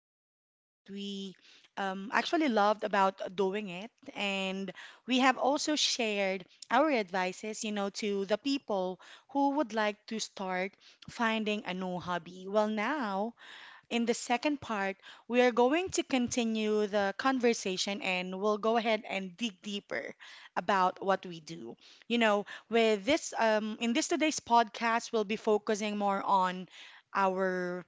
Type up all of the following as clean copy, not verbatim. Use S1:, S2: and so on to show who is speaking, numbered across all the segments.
S1: love and what we actually loved about doing it. And we have also shared our advices, to the people who would like to start finding a new hobby. Well, now, in the second part, we are going to continue the conversation and we'll go ahead and dig deeper about what we do. You know, with this in this today's podcast, we'll be focusing more on our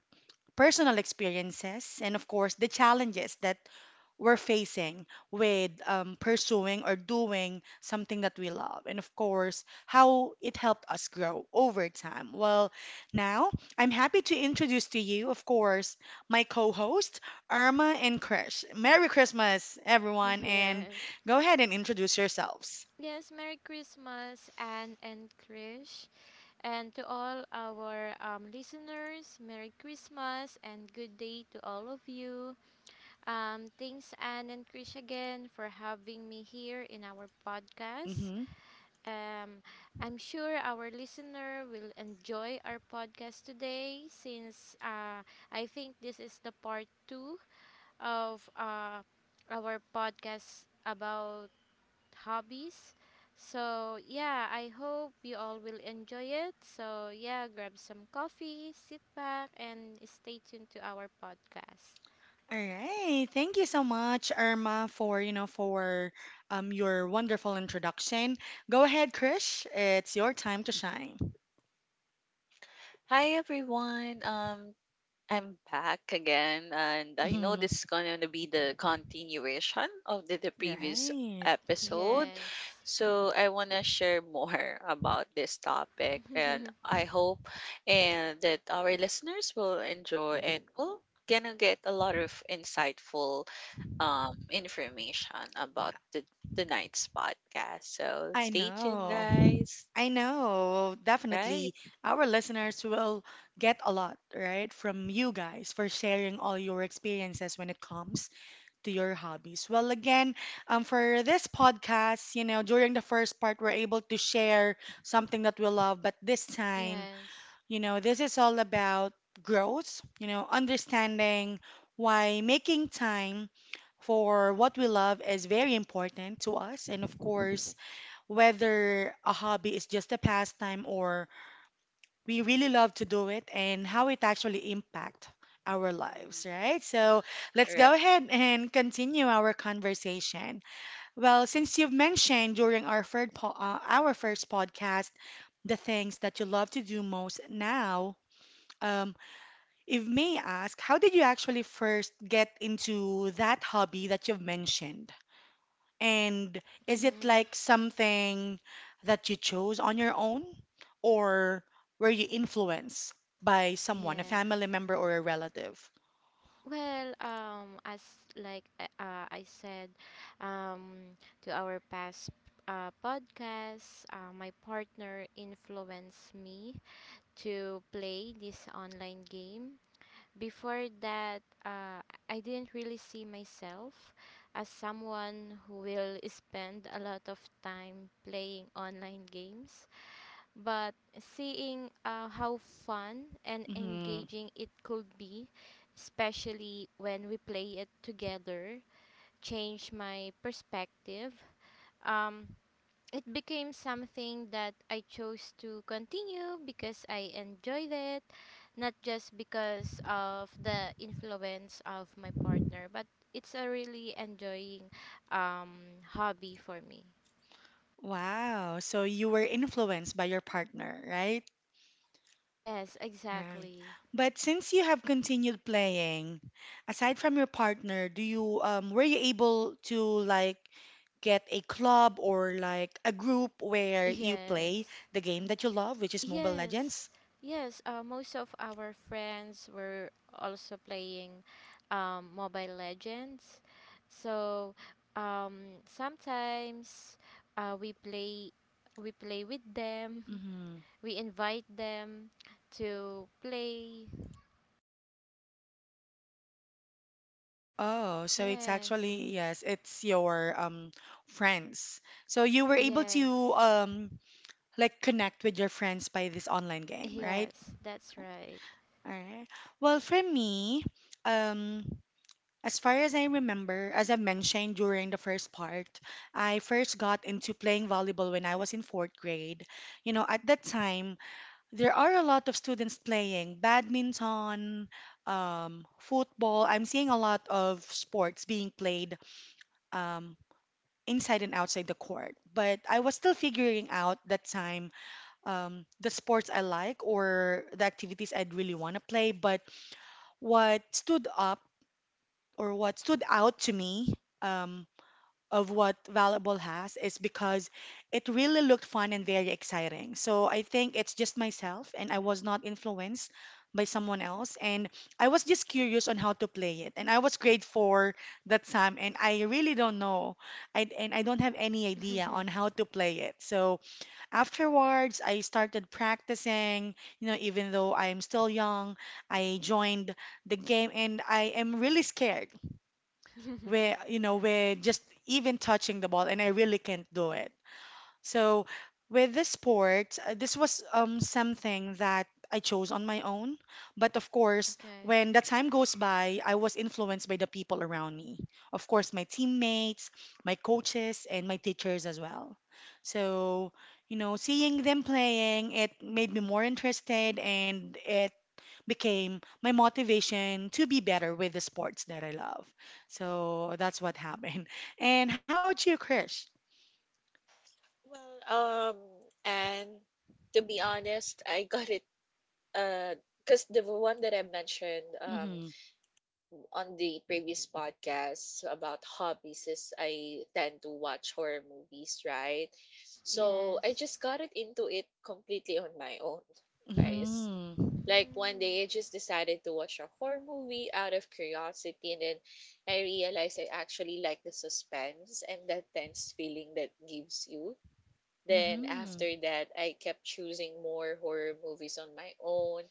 S1: personal experiences and of course the challenges that we're facing with pursuing or doing something that we love, and of course, how it helped us grow over time. Well, now I'm happy to introduce to you, of course, my co host, Irma and Krish. Merry Christmas, everyone, and
S2: Yes.
S1: go ahead and introduce yourselves.
S2: Yes, Merry Christmas, Anne and Krish. And to all our listeners, Merry Christmas and good day to all of you. Thanks, Anne and Krish, again for having me here in our podcast.
S1: Hmm.
S2: Um, I'm sure our listener will enjoy our podcast today since I think this is the part two of our podcast about hobbies. So, yeah, I hope you all will enjoy it. So, yeah, grab some coffee, sit back, and stay tuned to our podcast.
S1: All right. Thank you so much, Irma, for, your wonderful introduction. Go ahead, Krish. It's your time to shine.
S3: Hi everyone. I'm back again, and I know this is going to be the continuation of the previous
S1: Right.
S3: episode.
S2: Yes.
S3: So I want to share more about this topic, and I hope and that our listeners will enjoy and will gonna get a lot of insightful information about the tonight's podcast. So
S1: I
S3: stay tuned
S1: know.
S3: guys.
S1: I know. Definitely.
S3: Right?
S1: Our listeners will get a lot, right, from you guys for sharing all your experiences when it comes to your hobbies. Well, again, for this podcast, during the first part, we're able to share something that we love, but this time,
S2: Yes.
S1: you know, this is all about growth, understanding why making time for what we love is very important to us. And of course, whether a hobby is just a pastime or we really love to do it and how it actually impact our lives,
S3: Mm.
S1: right? So let's
S3: Right.
S1: go ahead and continue our conversation. Well, since you've mentioned during our third po our first podcast the things that you love to do most now, um, if may ask, how did you actually first get into that hobby that you've mentioned? And is it
S2: Mm-hmm.
S1: like something that you chose on your own, or were you influenced by someone, a family
S2: Yes.
S1: member or a relative?
S2: Well, as like I said, um, to our past podcast, my partner influenced me to play this online game. Before that, I didn't really see myself as someone who will spend a lot of time playing online games. But seeing how fun and
S1: Hmm.
S2: engaging it could be, especially when we play it together, changed my perspective. Um, became something that I chose to continue because I enjoyed it, not just because of the influence of my partner, but it's a really enjoying hobby for me.
S1: Wow, so you were influenced by your partner, right?
S2: Yes,
S1: Right.
S2: exactly.
S1: But since you have continued playing, aside from your partner, do you were you able to like get a club or like a group where you play
S2: Yes.
S1: the game that you love, which is Mobile
S2: Yes,
S1: Legends?
S2: yes. Most of our friends were also playing Mobile Legends. So sometimes uh, we play we play with them.
S1: Mm-hmm.
S2: We invite them to play.
S1: Oh, so it's
S2: Yes,
S1: actually yes, it's your friends. So you were able to
S2: yes,
S1: like connect with your friends by this online game, right?
S2: yes. That's right.
S1: All right. Well, for me, um, as far as I remember, as I mentioned during the first part, I first got into playing volleyball when I was in fourth grade. You know, at that time, there are a lot of students playing badminton, football. I'm seeing a lot of sports being played um, inside and outside the court. But I was still figuring out that time the sports I like or the activities I'd really want to play. But what stood up what stood out to me, um, of what Valuable has is because it really looked fun and very exciting. So I think it's just myself, and I was not influenced by someone else. And I was just curious on how to play it. And I was grade four that time, and I really don't know. And I don't have any idea on how to play it. So afterwards, I started practicing, you know, even though I'm still young, I joined the game, and I am really scared where you know
S2: Yeah.
S1: where just even touching the ball and I really can't do it. So with this sport, this was something that I chose on my own, but of course,
S2: Okay.
S1: when the time goes by, I was influenced by the people around me. Of course, my teammates, my coaches, and my teachers as well. So, you know, seeing them playing, it made me more interested and it became my motivation to be better with the sports that I love. So that's what happened. And how about you, Krish?
S3: Well, and to be honest, I got it uh because the one that I mentioned
S1: Mm-hmm.
S3: on the previous podcast about hobbies is I tend to watch horror movies, right? So I
S2: Yes.
S3: just got it into it completely on my own, guys.
S1: Mm-hmm.
S3: Like one
S2: Mm.
S3: day I just decided to watch a horror movie out of curiosity, and then I realized I actually like the suspense and that tense feeling that gives you. Then
S1: Mm-hmm.
S3: after that, I kept choosing more horror movies on my own,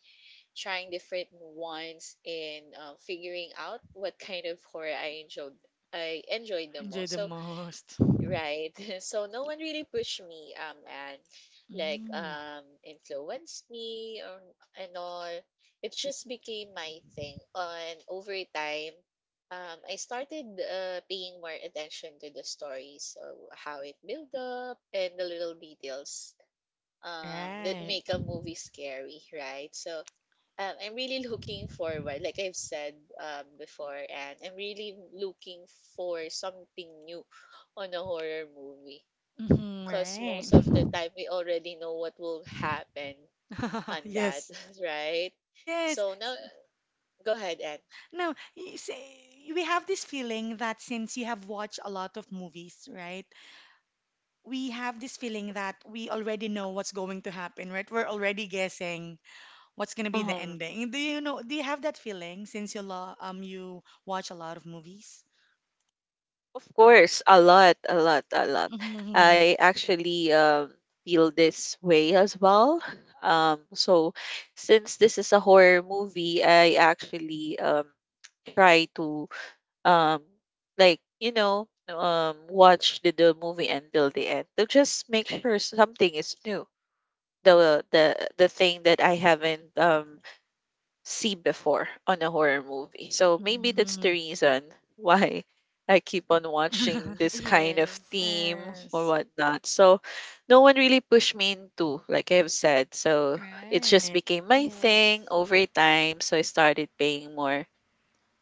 S3: trying different ones, and figuring out what kind of horror I enjoyed the
S1: Enjoy
S3: most.
S1: the
S3: So
S1: most.
S3: right. So no one really pushed me, and like
S1: Mm,
S3: influenced me or and all. It just became my thing. And over time, I started paying more attention to the stories, so how it built up and the little details that
S1: right.
S3: make a movie scary, right? So I'm really looking forward, like I've said before, and I'm really looking for something new on a horror movie.
S1: Mm-hmm,
S3: Because
S1: right.
S3: most of the time, we already know what will happen on that,
S1: Yes.
S3: right?
S1: Yes.
S3: So now, go ahead,
S1: No, you see, we have this feeling that since you have watched a lot of movies, right? We have this feeling that we already know what's going to happen, right? We're already guessing what's gonna be the
S3: Anne.
S1: ending? Do you know? Do you have that feeling since you you watch a lot of movies?
S3: Of course, a lot, a lot, a lot.
S1: Mhm.
S3: I actually feel this way as well. Um, so, since this is a horror movie, I actually try to um, watch the movie until the end to just make sure something is new. The thing that I haven't see before on a horror movie. So maybe that's the
S1: Mhm.
S3: reason why I keep on watching this kind of
S2: Yes.
S3: theme or
S1: Yes.
S3: whatnot. So no one really pushed me into, like I've said. So it just
S1: Right.
S3: became my thing
S2: Yes.
S3: over time. So I started paying more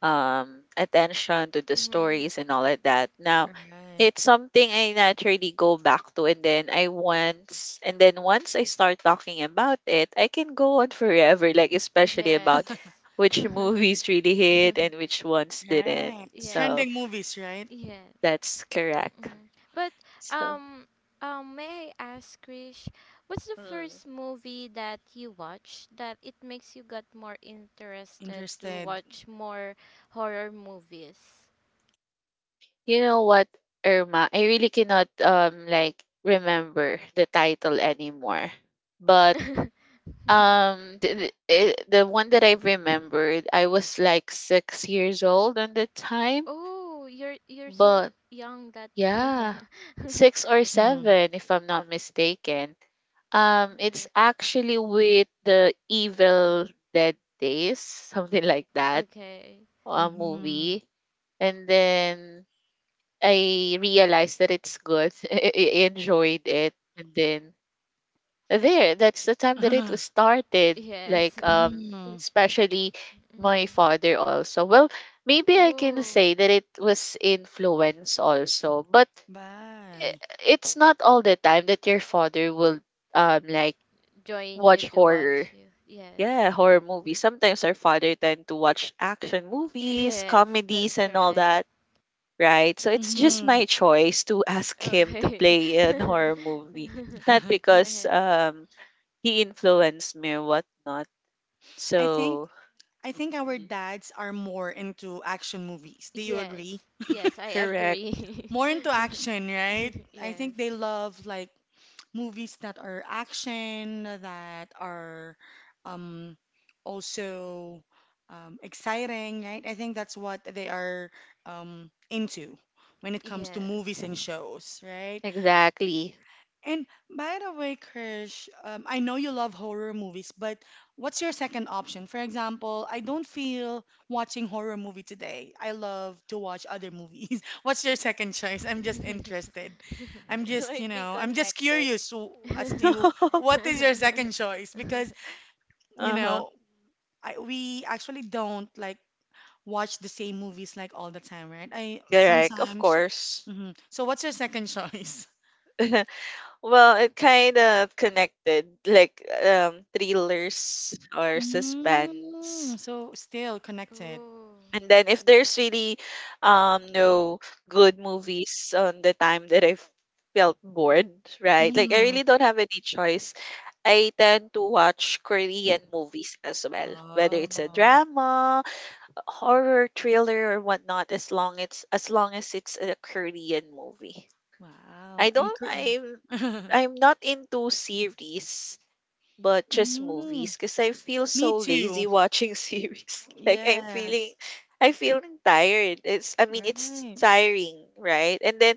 S3: attention to the
S2: Mm-hmm.
S3: stories and all of that. Now,
S1: Right.
S3: it's something I naturally go back to, and then I once, and then once I start talking about it, I can go on forever, like especially about
S2: Yes.
S3: which movies really hit and which ones didn't.
S1: Right.
S2: Yes.
S3: So
S1: Trending movies, right?
S2: Yes.
S3: that's correct.
S2: Mm-hmm. But
S3: So,
S2: um may I ask Krish, what's the
S3: mm,
S2: first movie that you watched that it makes you got more interested to
S1: Interested.
S2: watch more horror movies?
S3: you know what, Irma, I really cannot remember the title anymore, but The one that I remembered, I was like 6 years old on the time,
S2: Oh, you're so
S3: but
S2: young that time.
S3: yeah, six or
S1: Mhm.
S3: seven, if I'm not mistaken. It's
S2: Alright.
S3: actually with the Evil Dead Days, something like that,
S2: Okay.
S3: a
S1: Mhm.
S3: movie, and then I realized that it's good. I enjoyed it, and then there that's the time that it was started
S2: Yes.
S3: like um
S1: Mhm.
S3: especially my
S2: Mm.
S3: father also. Well, maybe I can
S2: Oh,
S3: say that it was influence also, but i-
S1: Bye.
S3: it's not all the time that your father will um like
S2: join you
S3: watch
S2: to
S3: horror.
S2: watch you. Yes.
S3: Yeah, horror movies, sometimes our father tend to watch action movies,
S2: Yes,
S3: comedies
S2: that's
S3: and all
S2: right.
S3: that, right? So it's just my
S1: Mhm.
S3: choice to ask him to
S2: Okay.
S3: play an
S2: All
S3: horror movie, not because
S2: right.
S3: he influenced me or whatnot.
S1: I think
S3: So
S1: I think our
S3: mhm,
S1: dads are more into action movies. Do you agree?
S2: Yes. Yes, I
S3: correct.
S2: agree.
S1: More into action, right? I
S2: Yes.
S1: think they love like movies that are action, that are um, also exciting, right? I think that's what they are into when it comes to movies
S2: Yes.
S1: and shows, right?
S3: Exactly.
S1: And by the way, Krish, I know you love horror movies, but what's your second option? For example, I don't feel watching horror movie today. I love to watch other movies. What's your second choice? I'm just interested. I'm
S3: It
S1: just, you
S3: might be
S1: know, I'm just
S3: connected.
S1: curious to, as to what is your second choice because, you
S3: Uh-huh.
S1: know, we actually don't like watch the same movies like all the time, right? I
S3: Correct, of
S1: sometimes.
S3: course.
S1: Mhm. So what's your second choice?
S3: Well, it kind of connected, like thrillers or
S1: Mm,
S3: suspense.
S1: so still connected.
S2: Oh.
S3: And then if there's really no good movies on the time that I felt bored, right? Like I
S1: Mm.
S3: really don't have any choice. I tend to watch Korean movies as well, whether it's a
S1: Oh,
S3: drama, horror, thriller, or whatnot. As long as it's a Korean movie, I
S1: wow. And
S3: don't. I'm not into series but just
S1: mm,
S3: movies because I feel
S1: me
S3: so
S1: too.
S3: lazy watching series. Like
S1: Yes.
S3: I feel tired. It's I mean it's
S1: Right.
S3: tiring, right? And then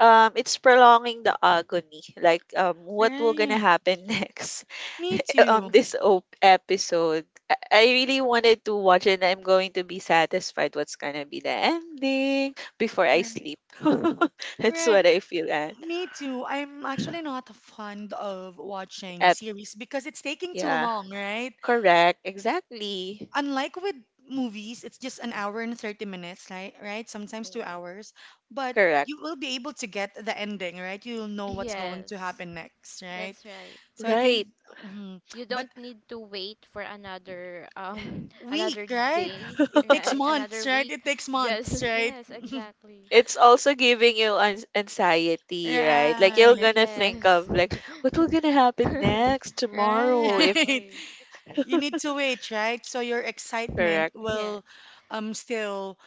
S3: it's prolonging the agony. Like what will gonna
S1: Right.
S3: happen next
S1: Me
S3: on
S1: too.
S3: this episode? I really wanted to watch it, and I'm going to be satisfied what's gonna be the ending before I
S1: Right.
S3: sleep. That's
S1: Right.
S3: what I feel at.
S1: Me too. I'm actually not fond of watching
S3: Ep-
S1: series because it's taking too
S3: yeah.
S1: long, right?
S3: Correct. Exactly.
S1: Unlike with movies, it's just an hour and 30 minutes, right? Right? Sometimes two
S3: Mm.
S1: hours. But you
S3: Correct.
S1: will be able to get the ending, right? You'll know what's going to
S2: Yes.
S1: happen next, right?
S2: That's right.
S1: So I think,
S3: Right.
S1: mhm.
S2: You
S1: But
S2: don't need to wait for another
S1: week,
S2: another
S1: right?
S2: day,
S1: It takes
S2: right? Another
S1: months, right?
S2: week.
S1: It takes
S2: Just
S1: months, right?
S2: yes, exactly.
S3: It's also giving you anxiety, right? Like you're
S1: Right,
S3: gonna think
S2: Yes.
S3: of like what will gonna happen next
S1: right.
S3: tomorrow if
S2: Exactly.
S1: You need to wait, right? So your excitement
S3: correct
S1: will
S2: Yes.
S1: still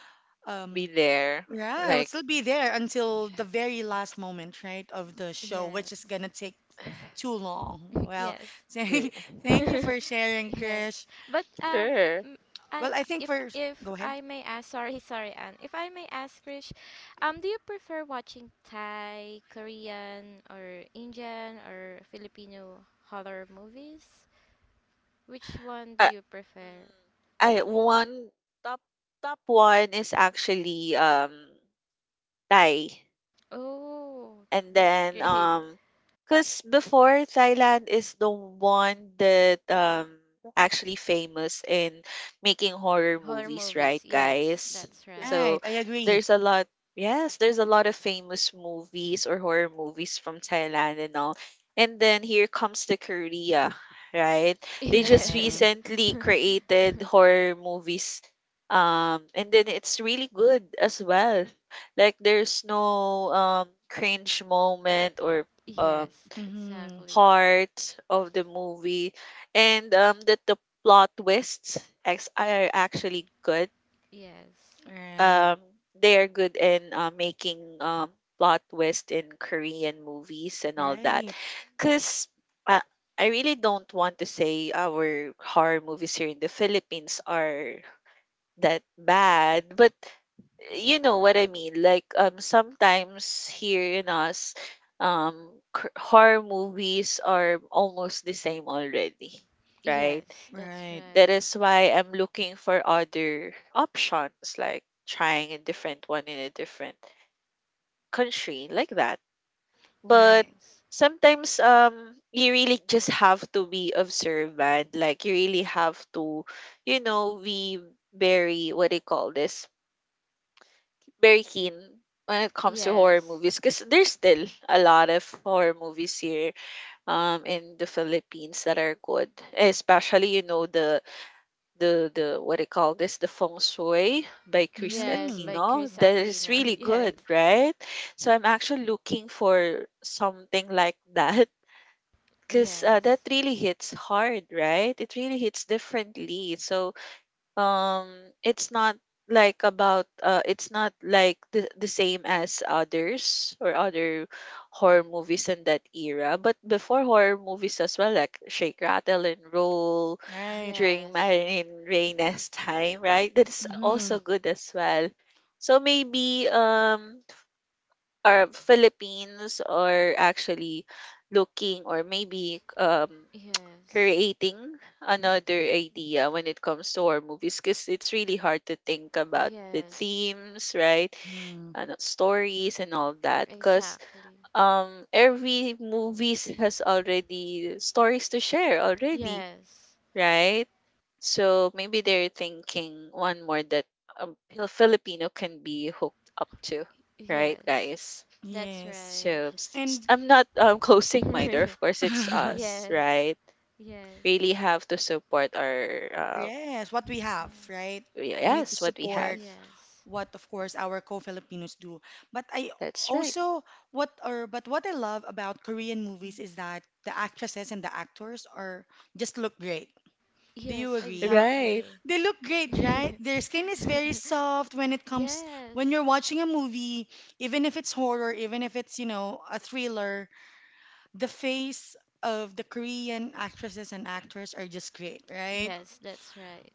S3: be
S1: um
S3: there.
S1: yeah, I would
S3: Like
S1: still be there until the very last moment, right, of the show, which is gonna
S2: Yes.
S1: take too long. Well,
S2: Yes.
S1: thank,
S3: eh,
S1: thank you for sharing,
S2: Yes.
S1: Krish.
S2: But
S3: sure.
S2: m- I
S1: Well, I think we're
S2: if
S1: go ahead.
S2: I may ask, sorry Anne, if I may ask Krish, do you prefer watching Thai, Korean, or Indian, or Filipino horror movies? Which one do
S3: I,
S2: you prefer?
S3: mm, I one top top one is actually Thai.
S2: Oh,
S3: And
S2: that's
S3: then,
S2: great.
S3: because before Thailand is the one that actually famous in making horror
S2: Horror
S3: movies,
S2: movies,
S3: right,
S2: yes,
S3: guys?
S2: that's right.
S3: So
S1: Right, I agree.
S3: there's a lot, yes, there's a lot of famous movies or horror movies from Thailand and all. And then here comes the Korea, right? They just
S1: Right.
S2: Yes.
S3: recently created horror movies. And then it's really good as well, like there's no cringe moment or um
S2: Yes,
S1: Mm-hmm.
S2: exactly.
S3: heart of the movie. And that the plot twists are actually good.
S2: Yes.
S1: Right.
S3: Um they are good in making plot twist in Korean movies and all that.
S1: Right.
S3: Cause uh, I really don't want to say our horror movies here in the Philippines are that bad, but you know what I mean. Like sometimes here in us, horror movies are almost the same already, right?
S2: Yes, that's
S1: Right.
S3: That
S2: right.
S3: is why I'm looking for other options, like trying a different one in a different country, like that. But
S1: Right.
S2: Yes.
S3: sometimes you really just have to be observant. Like you really have to, you know, be very, what do you call this? Very keen when it comes to horror
S2: Yes.
S3: movies because there's still a lot of horror movies here in the Philippines that are good. Especially, you know, the what they call this? The Feng Shui by Chris
S2: Yes,
S1: Mm.
S2: by
S3: Aquino.
S2: Chris
S3: That is
S2: Aquino.
S3: really
S2: Yes.
S3: good, right? So I'm actually looking for something like that because that
S2: Yes.
S3: really hits hard, right? It really hits differently. So um it's not like about, it's not like the same as others or other horror movies in that era. But before, horror movies as well, like Shake Rattle and Roll
S1: Right.
S3: during
S2: Yes.
S3: Marilyn Reyna's time, right? That's
S1: Mm-hmm.
S3: also good as well. So maybe our Philippines are actually looking, or maybe
S2: Yes.
S3: creating another idea when it comes to horror movies because it's really hard to think about the
S2: Yes.
S3: themes, right?
S1: Mm.
S3: And stories and all that. Because
S2: Exactly.
S3: every movies has already stories to share already,
S2: Yes.
S3: right? So maybe they're thinking one more that Filipino can be hooked up to, right,
S2: Yes.
S3: guys?
S2: That's
S1: Yes.
S2: right.
S3: So
S1: And
S3: I'm not closing my door. Of course, it's us,
S2: Yes.
S3: right?
S2: Yes.
S3: Really have to support our uh,
S1: yes, what we have, right? We need to
S3: yes, what we have.
S1: support
S2: Yes.
S1: what of course our co-Filipinos do. But I
S3: That's right.
S1: also what or but what I love about Korean movies is that the actresses and the actors are just look great. Do you
S2: Yes,
S1: agree?
S3: Right.
S2: exactly.
S1: They look great, right? Their skin is very soft when it comes
S2: Yes.
S1: when you're watching a movie, even if it's horror, even if it's, you know, a thriller, the face of the Korean actresses and actors are just great, right?
S2: Yes, that's right.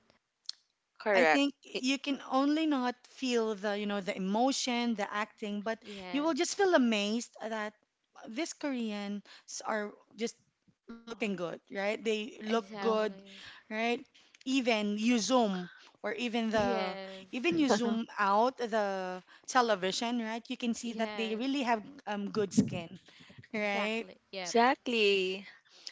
S1: I
S3: Correct.
S1: think
S3: It-
S1: you can only not feel the, you know, the emotion, the acting, but you will just
S2: Yes,
S1: feel amazed that these Koreans are just looking good, right? They look
S3: oh.
S1: good,
S2: exactly.
S1: right? Even you zoom or even the
S2: Yes,
S1: Even you zoom out the television, right? You can see that they
S2: yes,
S1: really have good skin, right?
S2: exactly. Yep.
S3: Exactly.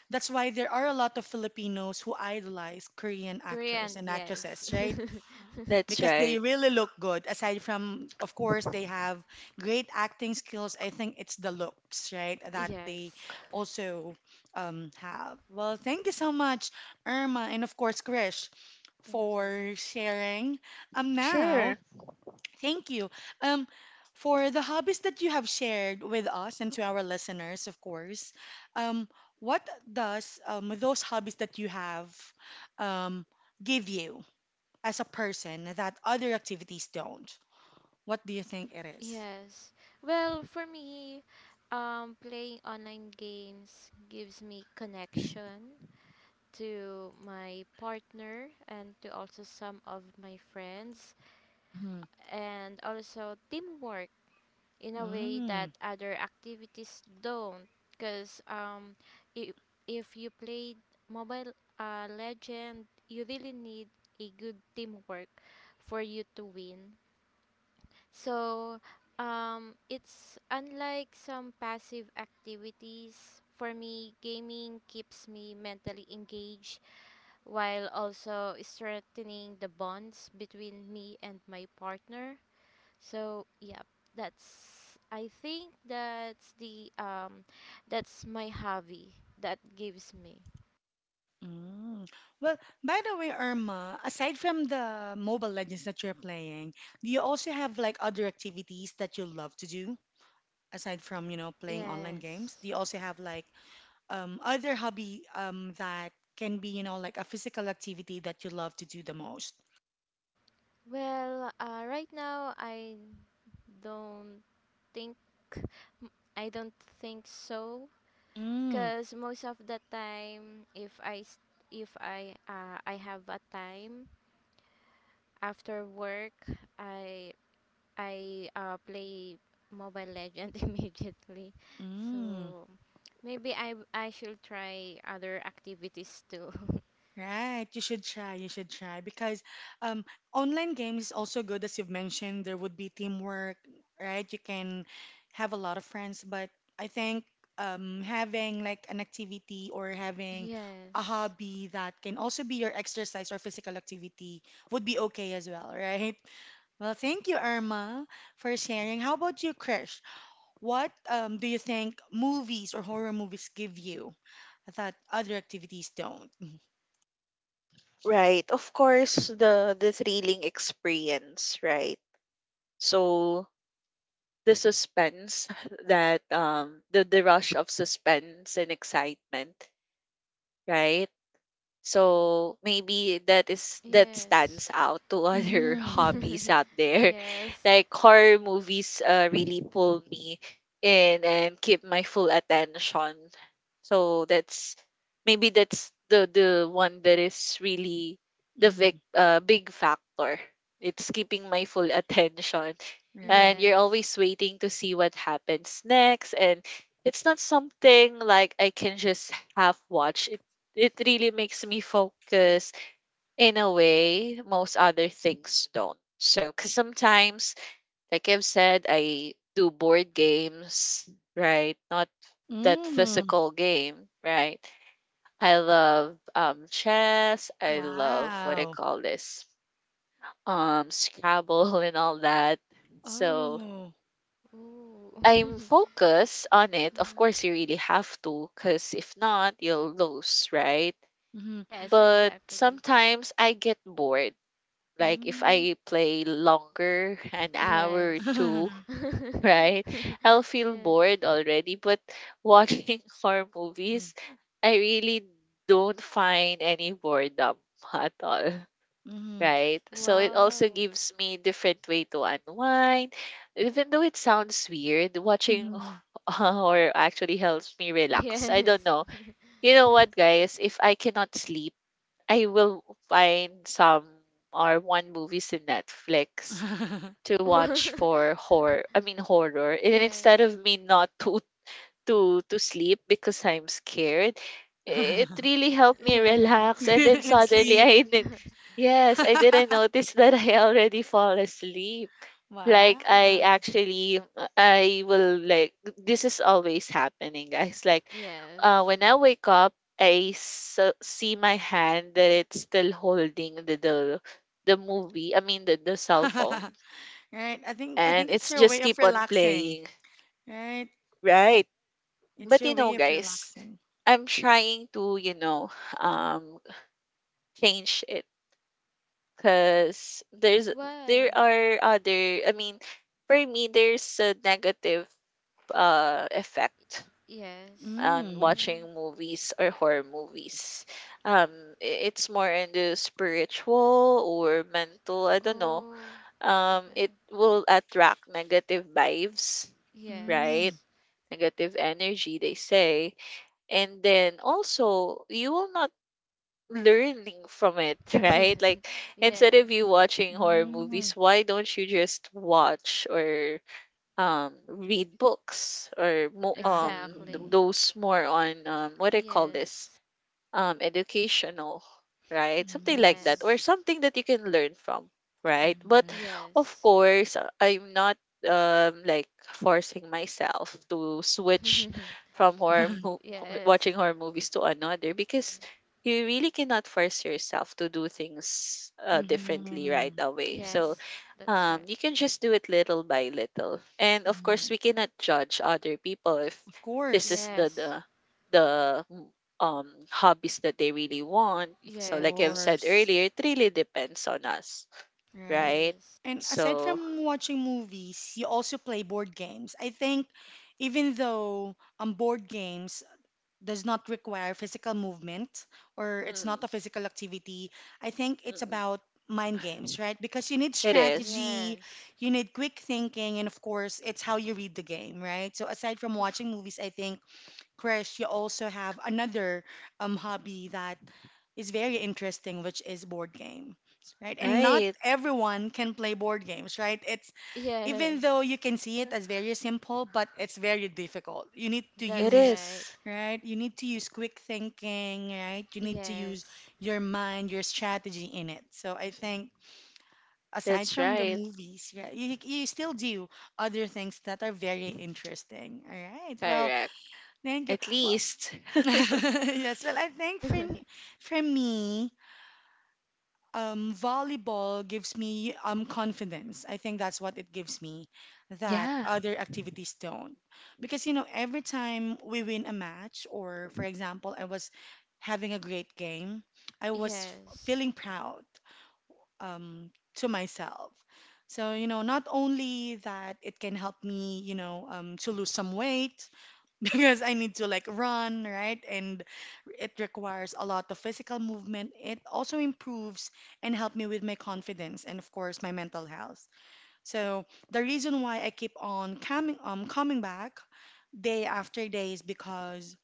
S1: That's why there are a lot of Filipinos who idolize Korean actors
S2: Korean,
S1: and
S2: yes.
S1: actresses, right?
S3: That's
S1: Because they
S3: right.
S1: really look good. Aside from, of course, they have great acting skills. I think it's the looks, right, that they
S2: Yes,
S1: also have. Well, thank you so much, Irma, and of course, Krish,
S3: Mhm.
S1: for sharing. Now,
S3: Sure.
S1: thank you. Um, for the hobbies that you have shared with us and to our listeners, of course. Um, what does those hobbies that you have um, give you as a person that other activities don't? What do you think it is?
S2: yes. Well, for me, playing online games gives me connection to my partner and to also some of my friends,
S1: Mm-hmm.
S2: and also teamwork in a way that
S1: Mm,
S2: other activities don't, because if, if you played mobile legend you really need a good teamwork for you to win. So it's unlike some passive activities. For me, gaming keeps me mentally engaged while also strengthening the bonds between me and my partner. So, yeah, that's I think that's my hobby that gives me.
S1: mm. Well, by the way, Irma, aside from the Mobile Legends that you're playing, do you also have like other activities that you love to do aside from, you know, playing online games? Do
S2: Yes.
S1: you also have like other hobby that can be, you know, like a physical activity that you love to do the most?
S2: Well, right now don't think m- I don't think so,
S1: Mm,
S2: because most of the time if I s- if I I have a time after work I I play Mobile Legend immediately.
S1: mm.
S2: So maybe I should try other activities too.
S1: Right, you should try. You should try because um, online games is also good, as you've mentioned. There would be teamwork, right? You can have a lot of friends, but I think having like an activity or having a
S2: Yes.
S1: hobby that can also be your exercise or physical activity would be okay as well, right? Well, thank you, Irma, for sharing. How about you, Krish? What do you think movies or horror movies give you that other activities don't?
S3: Right. Of course, the thrilling experience, right? So the suspense that the rush of suspense and excitement, right? So maybe that is that stands
S2: Yes.
S3: out to other
S1: Mhm.
S3: hobbies out there.
S2: Yes.
S3: Like horror movies really pull me in and keep my full attention. So that's maybe that's the one that is really the
S1: Hmm.
S3: big factor. It's keeping my full attention,
S1: Right.
S3: and you're
S2: Yes.
S3: always waiting to see what happens next, and it's not something like I can just half watch. It really makes me focus in a way most other things don't. So, because sometimes, like I've said, I do board games, right? Not that
S1: Mm.
S3: physical game, right? I love chess. I love, what I
S1: Wow.
S3: call this, Scrabble and all that. So
S1: Oh.
S2: Ooh.
S3: I'm focused on it. Of
S2: Mm.
S3: course, you really have to, because if not, you'll lose, right?
S1: Mm-hmm.
S2: Yes,
S3: But
S2: exactly.
S3: sometimes I get bored. Like if
S1: Mm.
S3: I play longer, an hour or
S2: Yes.
S3: two, right? I'll feel
S2: Yes.
S3: bored already. But watching horror movies, I really don't find any boredom at all.
S1: Mm.
S3: Right? So it also
S2: Wow.
S3: gives me different way to unwind. Even though it sounds weird, watching
S1: Mhm.
S3: horror actually helps me relax. I don't
S2: Yes.
S3: know. You know what, guys? If I cannot sleep, I will find some or one movies in Netflix
S1: Mhm.
S3: to watch for horror. Horror. And then instead
S2: Yes.
S3: of me not to to sleep because I'm scared, it really helped me
S2: Yeah.
S3: relax. And then
S1: And
S3: suddenly
S1: sleep.
S3: I did. Yes, I didn't notice that I already fall asleep.
S1: Wow.
S3: Like I actually I will like this is always happening, guys. Like
S2: Yes.
S3: when I wake up, I s- see my hand that it's still holding the movie I mean the cell phone,
S1: Right. I
S3: and
S1: think it's
S3: it's
S1: your way
S3: just
S1: of
S3: keep on
S1: relaxing.
S3: playing,
S1: Right?
S3: right? But
S1: It's
S3: you
S1: your
S3: know
S1: way of
S3: guys,
S1: relaxing.
S3: I'm trying to, you know, um change it because there
S2: Why?
S3: are other, I mean, for me there's a negative effect
S2: Yes.
S3: on
S1: Mm.
S2: Mm.
S3: watching movies or horror movies. Um, it's more into spiritual or mental. I don't know.
S2: Oh,
S3: It
S2: okay.
S3: will attract negative vibes, right?
S1: Mm.
S2: Yes.
S3: Negative energy, they say. And then also, you will not learning from it, right? Like instead
S2: Yes.
S3: of you watching horror
S1: Mm.
S3: movies, why don't you just watch or read books or
S1: Right.
S2: Exactly.
S3: those more on what I call this
S2: Yes.
S3: educational, right, something like that or
S1: Yes.
S2: Yes.
S3: something that you can learn from, right? But
S1: Right.
S3: of
S2: Yes.
S3: course, I'm not like forcing myself to switch from horror mo-
S2: Yes.
S3: watching horror movies to another because you really cannot force yourself to do things differently right
S1: Mm-hmm.
S3: away. So
S2: Yes. That's right.
S3: you can just do it little by little. And of course,
S1: Right.
S3: we cannot judge other people if
S1: Of
S3: this
S1: course.
S3: is the
S2: Yes.
S3: the the mm, hobbies that they really want.
S1: Of
S3: So like I've
S2: Yes.
S3: said
S1: course.
S3: earlier, it really depends on us,
S1: Right.
S3: right?
S2: Yes.
S1: And aside
S3: So
S1: from watching movies, you also play board games. I think even though board games does not require physical movement or it's
S3: mm,
S1: not a physical activity, I think it's
S3: mm,
S1: about mind games, right? Because you need
S3: it is.
S1: strategy,
S2: Yes.
S1: you need quick thinking, and of course, it's how you read the game, right? So aside from watching movies, I think Krish, you also have another hobby that is very interesting, which is board games, right? And not
S3: Right.
S1: everyone can play board games, right? It's even though you
S2: Yes.
S1: can see it as very simple, but it's very difficult. You need to
S3: It
S2: That's
S1: use,
S2: right.
S3: is.
S1: right? You need to use quick thinking, right? You need to use
S2: Yes.
S1: your mind, your strategy in it. So I think aside
S3: That's
S1: from the
S3: right.
S1: movies, yeah, you still do other things that are very interesting. All right. Well,
S3: Correct.
S1: thank you.
S3: At
S1: Wha
S3: least,
S1: Yes, well, I think for me, volleyball gives me confidence. I think that's what it gives me that
S3: yeah,
S1: other activities don't. Because you know, every time we win a match, or for example, I was having a great game, I was
S2: Yes,
S1: feeling proud um to myself. So, you know, not only that it can help me, you know, to lose some weight because I need to like run, right? And it requires a lot of physical movement. It also improves and help me with my confidence and of course my mental health. So the reason why I keep on coming back day after day is because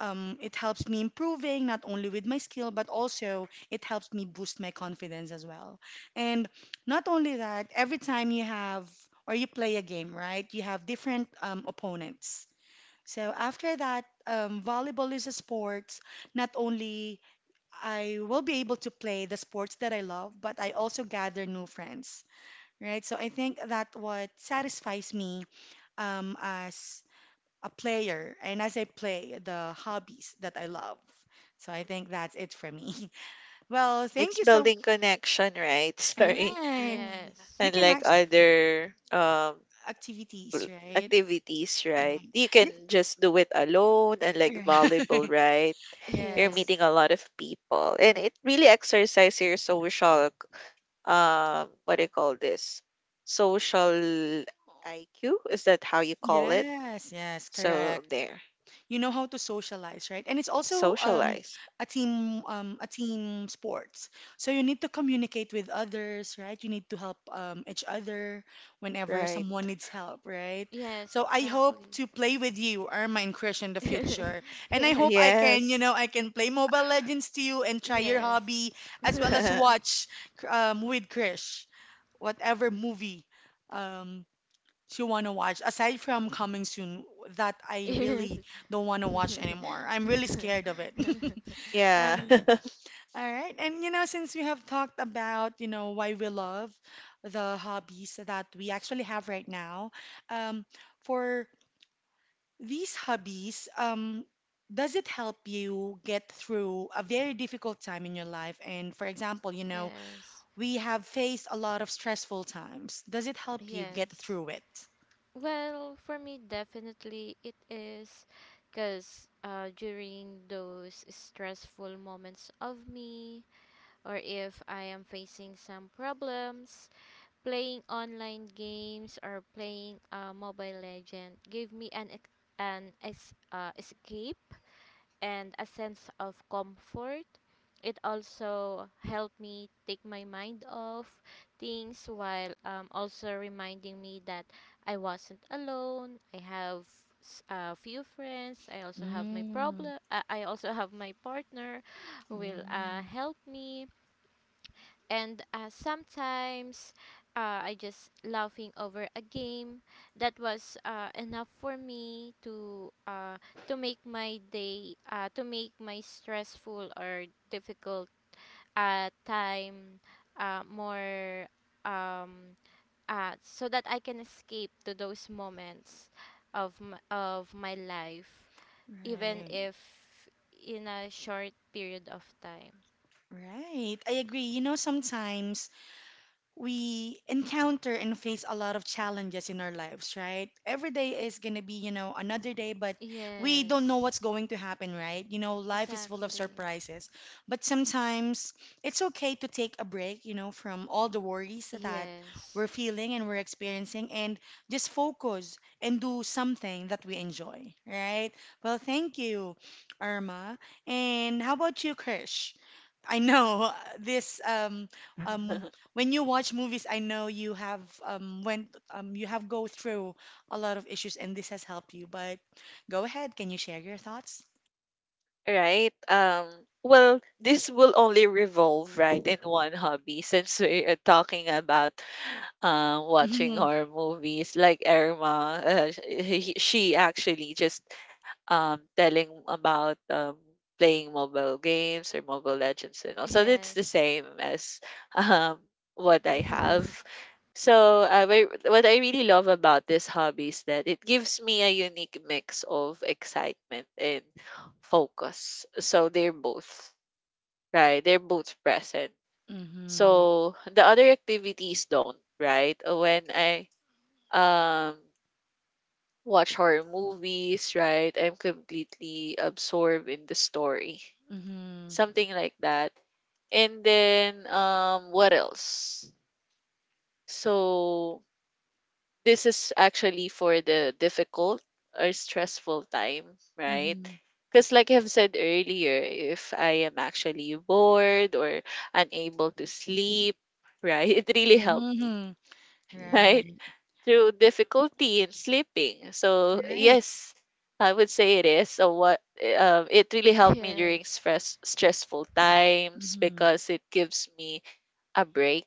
S1: it helps me improving not only with my skill but also it helps me boost my confidence as well. And not only that, every time you have or you play a game, right? You have different opponents so after that, volleyball is a sport. Not only I will be able to play the sports that I love, but I also gather new friends, right? So I think that what satisfies me as a player and as I play the hobbies that I love. So I think that's it for me. Well, thank
S3: it's
S1: you so.
S3: building connection, right? Sorry.
S1: Right.
S3: Mm.
S2: yes,
S1: You can
S3: Unlike
S1: actually
S3: other
S1: activities,
S3: l-
S1: right?
S3: activities, right?
S1: Right.
S3: You
S1: You-
S3: can just do it alone, and like volleyball, right? You're
S1: Yes.
S3: meeting
S2: yes,
S3: a lot of people, and it really exercises your social, what do you call this? Social IQ? Is that how you call it?
S1: Yes, yes,
S3: So
S1: correct.
S3: there,
S1: You know how to socialize, right? And it's also
S3: socialize,
S1: a team sports. So you need to communicate with others, right? You need to help each other whenever someone
S3: right?
S1: needs help, right?
S2: yes,
S1: So I hope
S2: exactly.
S1: to play with you, Irma and Krish, in the future. And I
S2: Yes,
S1: hope I can, you
S3: Yes,
S1: know, I can play Mobile Legends to you and try your
S2: yes,
S1: hobby as well as watch with Krish whatever movie um, you want to watch aside from Coming Soon that I
S2: yes,
S1: really don't want to watch anymore. I'm really scared of it.
S3: yeah.
S1: Um, all right. And you know, since we have talked about, you know, why we love the hobbies that we actually have right now, um, for these hobbies, does it help you get through a very difficult time in your life? And for example, you know,
S2: yes,
S1: we have faced a lot of stressful times. Does it help you get
S2: yes.
S1: through it?
S2: Well, for me, definitely it is, because during those stressful moments of me, or if I am facing some problems, playing online games or playing Mobile Legend give me an escape and a sense of comfort. It also helped me take my mind off things while also reminding me that I wasn't alone. I have a few friends. I also have my
S1: Mm.
S2: problem. I also have my partner who will
S1: Mm,
S2: help me, and sometimes I just laughing over a game that was enough for me to make my day, to make my stressful or difficult time more um, so that I can escape to those moments of my life, even
S1: right,
S2: if in a short period of time.
S1: right. I agree. You know, sometimes we encounter and face a lot of challenges in our lives, right? Every day is going to be, you know, another day, but we don't know
S2: Yes,
S1: what's going to happen, right? You know, life is full of
S2: exactly.
S1: surprises. But sometimes it's okay to take a break, you know, from all the worries that
S2: Yes.
S1: we're feeling and we're experiencing and just focus and do something that we enjoy, right? Well, thank you, Irma. And how about you, Krish? I know this um when you watch movies, I know you have went you have go through a lot of issues and this has helped you, but go ahead, can you share your thoughts?
S3: Right. Well, this will only revolve right in one hobby since we are talking about watching horror movies like Irma. She actually just telling about playing mobile games or Mobile Legends and all. So it's the
S2: Yes.
S3: same as um, what I have. So what I really love about this hobby is that it gives me a unique mix of excitement and focus. So they're both right. They're both present.
S1: Mm-hmm.
S3: So the other activities don't, right. When I um watch horror movies, right? I'm completely absorbed in the story.
S1: Mm-hmm.
S3: Something like that. And then what else? So this is actually for the difficult or stressful time, right?
S1: Mm-hmm.
S3: Because like I've said earlier, if I am actually bored or unable to sleep, right? It really
S1: Mm-hmm.
S3: helped me,
S1: Mm-hmm.
S3: right?
S1: Right.
S3: Through difficulty in sleeping. So
S1: Right.
S3: yes, I would say it is. So what, it really helped me during
S2: Yes.
S3: stressful times
S1: Mm-hmm.
S3: because it gives me a break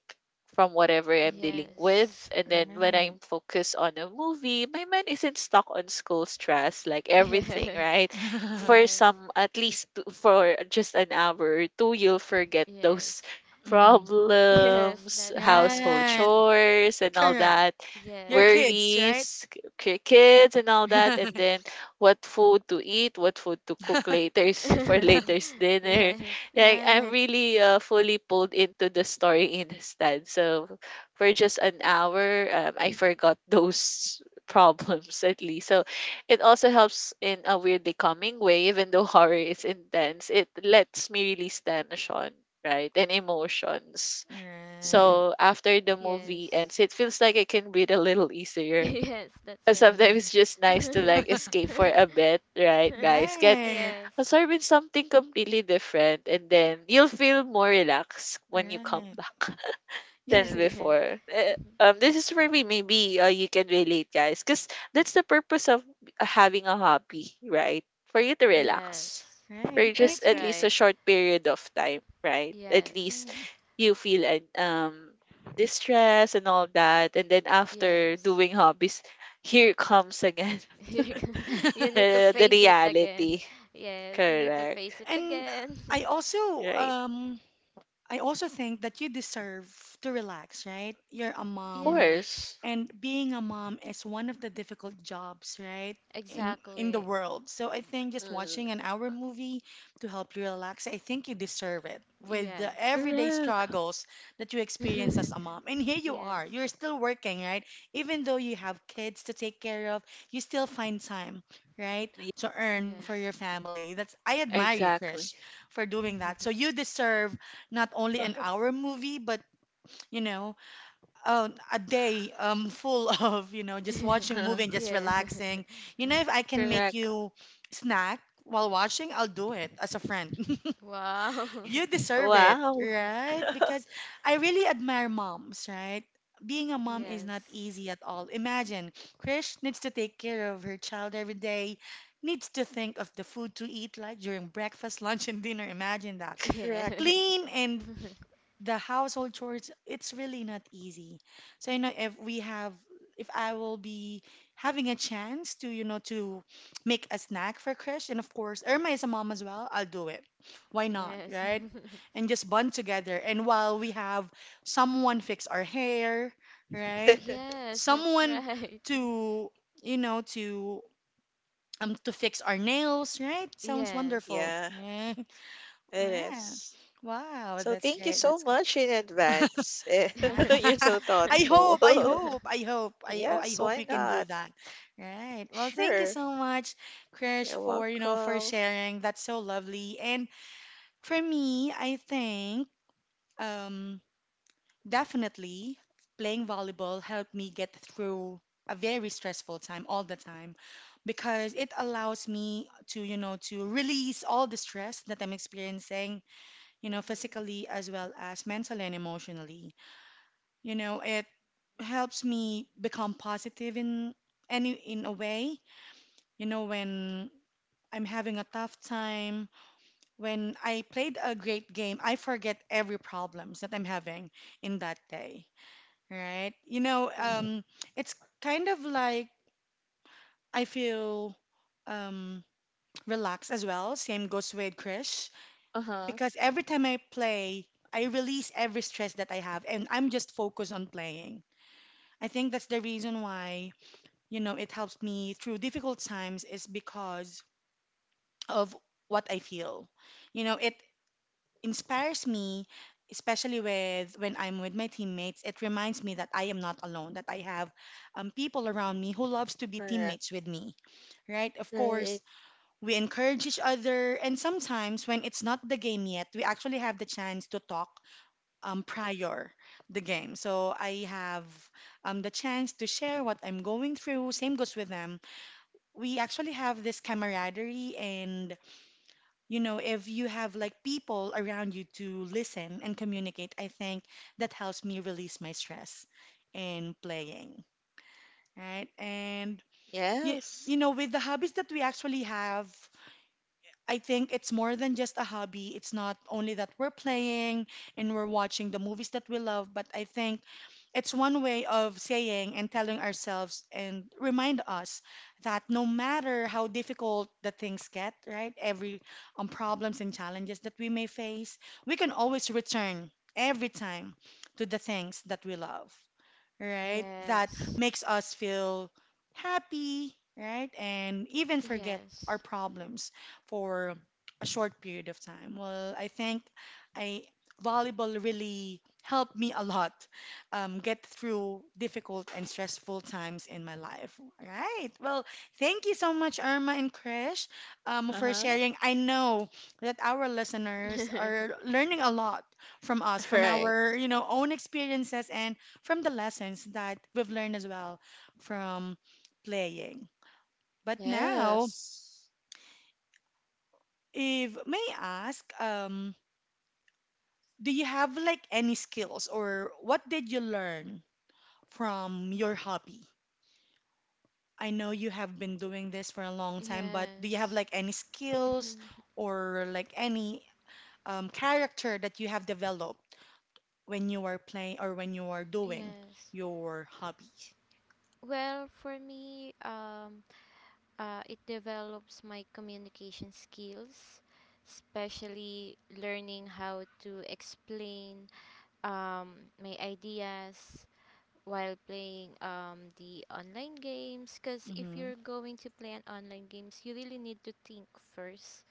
S3: from whatever I'm dealing with.
S2: Yes.
S3: And then when
S1: Right.
S3: I'm focused on a movie, my mind isn't stuck on school stress, like everything, right? For
S2: Yes.
S3: some, at least for just an hour or two, you'll forget
S2: Yes.
S3: those
S2: Yes.
S1: Mm-hmm.
S2: Yes,
S3: problems,
S2: that's right.
S3: household
S1: Right.
S3: chores, and all
S1: Correct.
S3: that,
S1: Your
S2: Yes.
S1: kids, right?
S3: worries, kids, and all that. And then what food to eat, what food to cook later for later's dinner,
S2: Yes.
S3: like I'm
S1: Right.
S3: really fully pulled into the story instead. So for just an hour, I forgot those problems at least. So it also helps in a weirdly calming way, even though horror is intense. It lets me release tension, right, and emotions.
S1: Right.
S3: So after the movie
S2: Yes.
S3: ends, it feels like I can breathe a little easier,
S2: Yes, that's
S3: but sometimes
S1: Mm.
S3: it's just
S2: right.
S3: nice to like escape for a bit, right,
S2: Yes.
S3: guys? Get
S1: Right.
S3: absorb in something completely different, and then you'll feel more relaxed when you come
S1: Right.
S3: back
S1: Yes.
S3: than
S1: a-
S2: Yes.
S3: before. This is where we maybe you can relate, guys, because that's the purpose of having a hobby, right? For you to relax
S2: Yes.
S1: Right.
S3: for
S1: And I
S3: just
S2: That's
S3: at
S1: think.
S3: least a
S2: right.
S3: short period of time, right? At least
S2: Yes.
S1: Mm.
S3: you feel distress and all that, and then after
S2: Yes.
S3: doing hobbies, here comes again
S2: You need to
S3: the
S2: face it again.
S3: reality.
S2: Yes, you need to
S3: Correct.
S2: face it
S1: And
S2: again.
S1: I also
S3: Right.
S1: um I also think that you deserve to relax, right? You're a
S3: Of
S1: mom,
S2: Yes,
S3: course.
S1: and being a mom is one of the difficult jobs, right, in the
S2: exactly.
S1: world. So I think just
S3: Mm,
S1: watching an hour movie to help you relax, I think you deserve it with the
S2: Yes.
S1: everyday
S3: correct.
S1: struggles that you experience as a mom. And here you
S2: Yes.
S1: are, you're still working, right, even though you have kids to take care of. You still find time, right,
S3: Yeah,
S1: to earn for your
S2: Yes.
S1: family. That's, I admire you, Krish,
S3: exactly.
S1: for doing that. So you deserve not only an hour movie but, you know, a day full of, you know, just watching movie and just
S2: Yeah.
S1: relaxing. You know, if I can make
S3: Correct.
S1: you snack while watching, I'll do it as a friend.
S2: Wow.
S1: You deserve it,
S3: Wow.
S1: right? Because I really admire moms, right? Being a mom is not
S2: Yes.
S1: easy at all. Imagine, Krish needs to take care of her child every day, needs to think of the food to eat like during breakfast, lunch, and dinner. Imagine that.
S3: Correct.
S2: Yes.
S1: Clean and the household chores, it's really not easy. So you know if we have if I will be having a chance to, you know, to make a snack for Krish and of course Irma is a mom as well, I'll do it. Why not,
S2: Yes.
S1: right? And just bond together. And while we have someone fix our hair, right?
S2: Yes, that's
S1: Someone
S2: right.
S1: to, you know, to fix our nails, right? Sounds
S2: Yes.
S1: wonderful,
S3: Yeah,
S1: right?
S3: it
S1: Wow.
S3: is.
S1: Wow,
S3: So
S1: that's
S3: thank you
S1: great.
S3: so
S1: That's
S3: much in advance. Eh, you're so
S1: I
S3: thoughtful.
S1: hope, I hope, I hope, I oh, I
S3: Yes,
S1: hope
S3: why
S1: we can do
S3: not?
S1: that. Right. Well, thank you
S3: Sure.
S1: so much, Krish,
S3: You're
S1: for, you know, for
S3: welcome.
S1: sharing. That's so lovely. And for me, I think um, definitely playing volleyball helped me get through a very stressful time all the time because it allows me to, you know, to release all the stress that I'm experiencing, you know,
S3: Mhm.
S1: physically as well as mentally and emotionally. You know, it helps me become positive in any in a way. You know, when I'm having a tough time, when I played a great game, I forget every problems that I'm having in that day, right? You know, it's kind of like I feel um, relaxed as well. Same goes with Krish
S3: Uh-huh.
S1: because every time I play, I release every stress that I have, and I'm just focused on playing. I think that's the reason why, you know, it helps me through difficult times is because of what I feel. You know, it inspires me, especially with when I'm with my teammates. It reminds me that I am not alone, that I have people around me who loves to be
S3: Correct.
S1: teammates with me, right? Of course,
S3: Right.
S1: we encourage each other, and sometimes when it's not the game yet, we actually have the chance to talk prior the game. So I have the chance to share what I'm going through. Same goes with them. We actually have this camaraderie, and, you know, if you have like people around you to listen and communicate, I think that helps me release my stress in playing, right? and you,
S3: Yes.
S1: you know with the hobbies that we actually have, I think it's more than just a hobby. It's not only that we're playing and we're watching the movies that we love, but I think it's one way of saying and telling ourselves and remind us that no matter how difficult the things get, right? Every problems and challenges that we may face, we can always return every time to the things that we love, right? That
S2: Yes.
S1: makes us feel happy, right? And even forget our
S2: Yes.
S1: problems for a short period of time. Well, I think I volleyball really helped me a lot get through difficult and stressful times in my life. All right. Well, thank you so much, Irma and Krish, for
S3: Uh-huh.
S1: sharing. I know that our listeners are learning a lot from us, from
S3: Right.
S1: our, you know, own experiences and from the lessons that we've learned as well from playing. But now,
S3: Yes.
S1: if may I ask, do you have like any skills or what did you learn from your hobby? I know you have been doing this for a long time, but do you have
S2: Yes.
S1: like any skills or like any character that you have developed when you are playing or when you are doing
S2: Yes.
S1: your hobby?
S2: Well, for me, it develops my communication skills, especially learning how to explain my ideas while playing the online games. Because if
S1: Mm-hmm.
S2: you're going to play an online games, you really need to think first,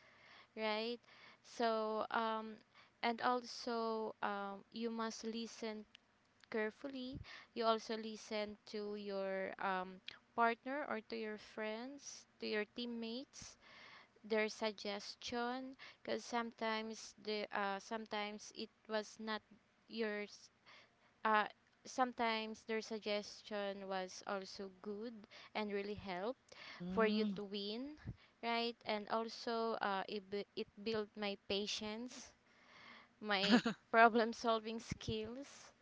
S2: right? So, and also you must listen carefully. You also listen to your partner or to your friends, to your teammates, their suggestion, because sometimes the sometimes it was not yours. Uh, sometimes their suggestion was also good and really help for you
S1: Mm.
S2: to win, right? And also, it built my patience, my problem solving skills,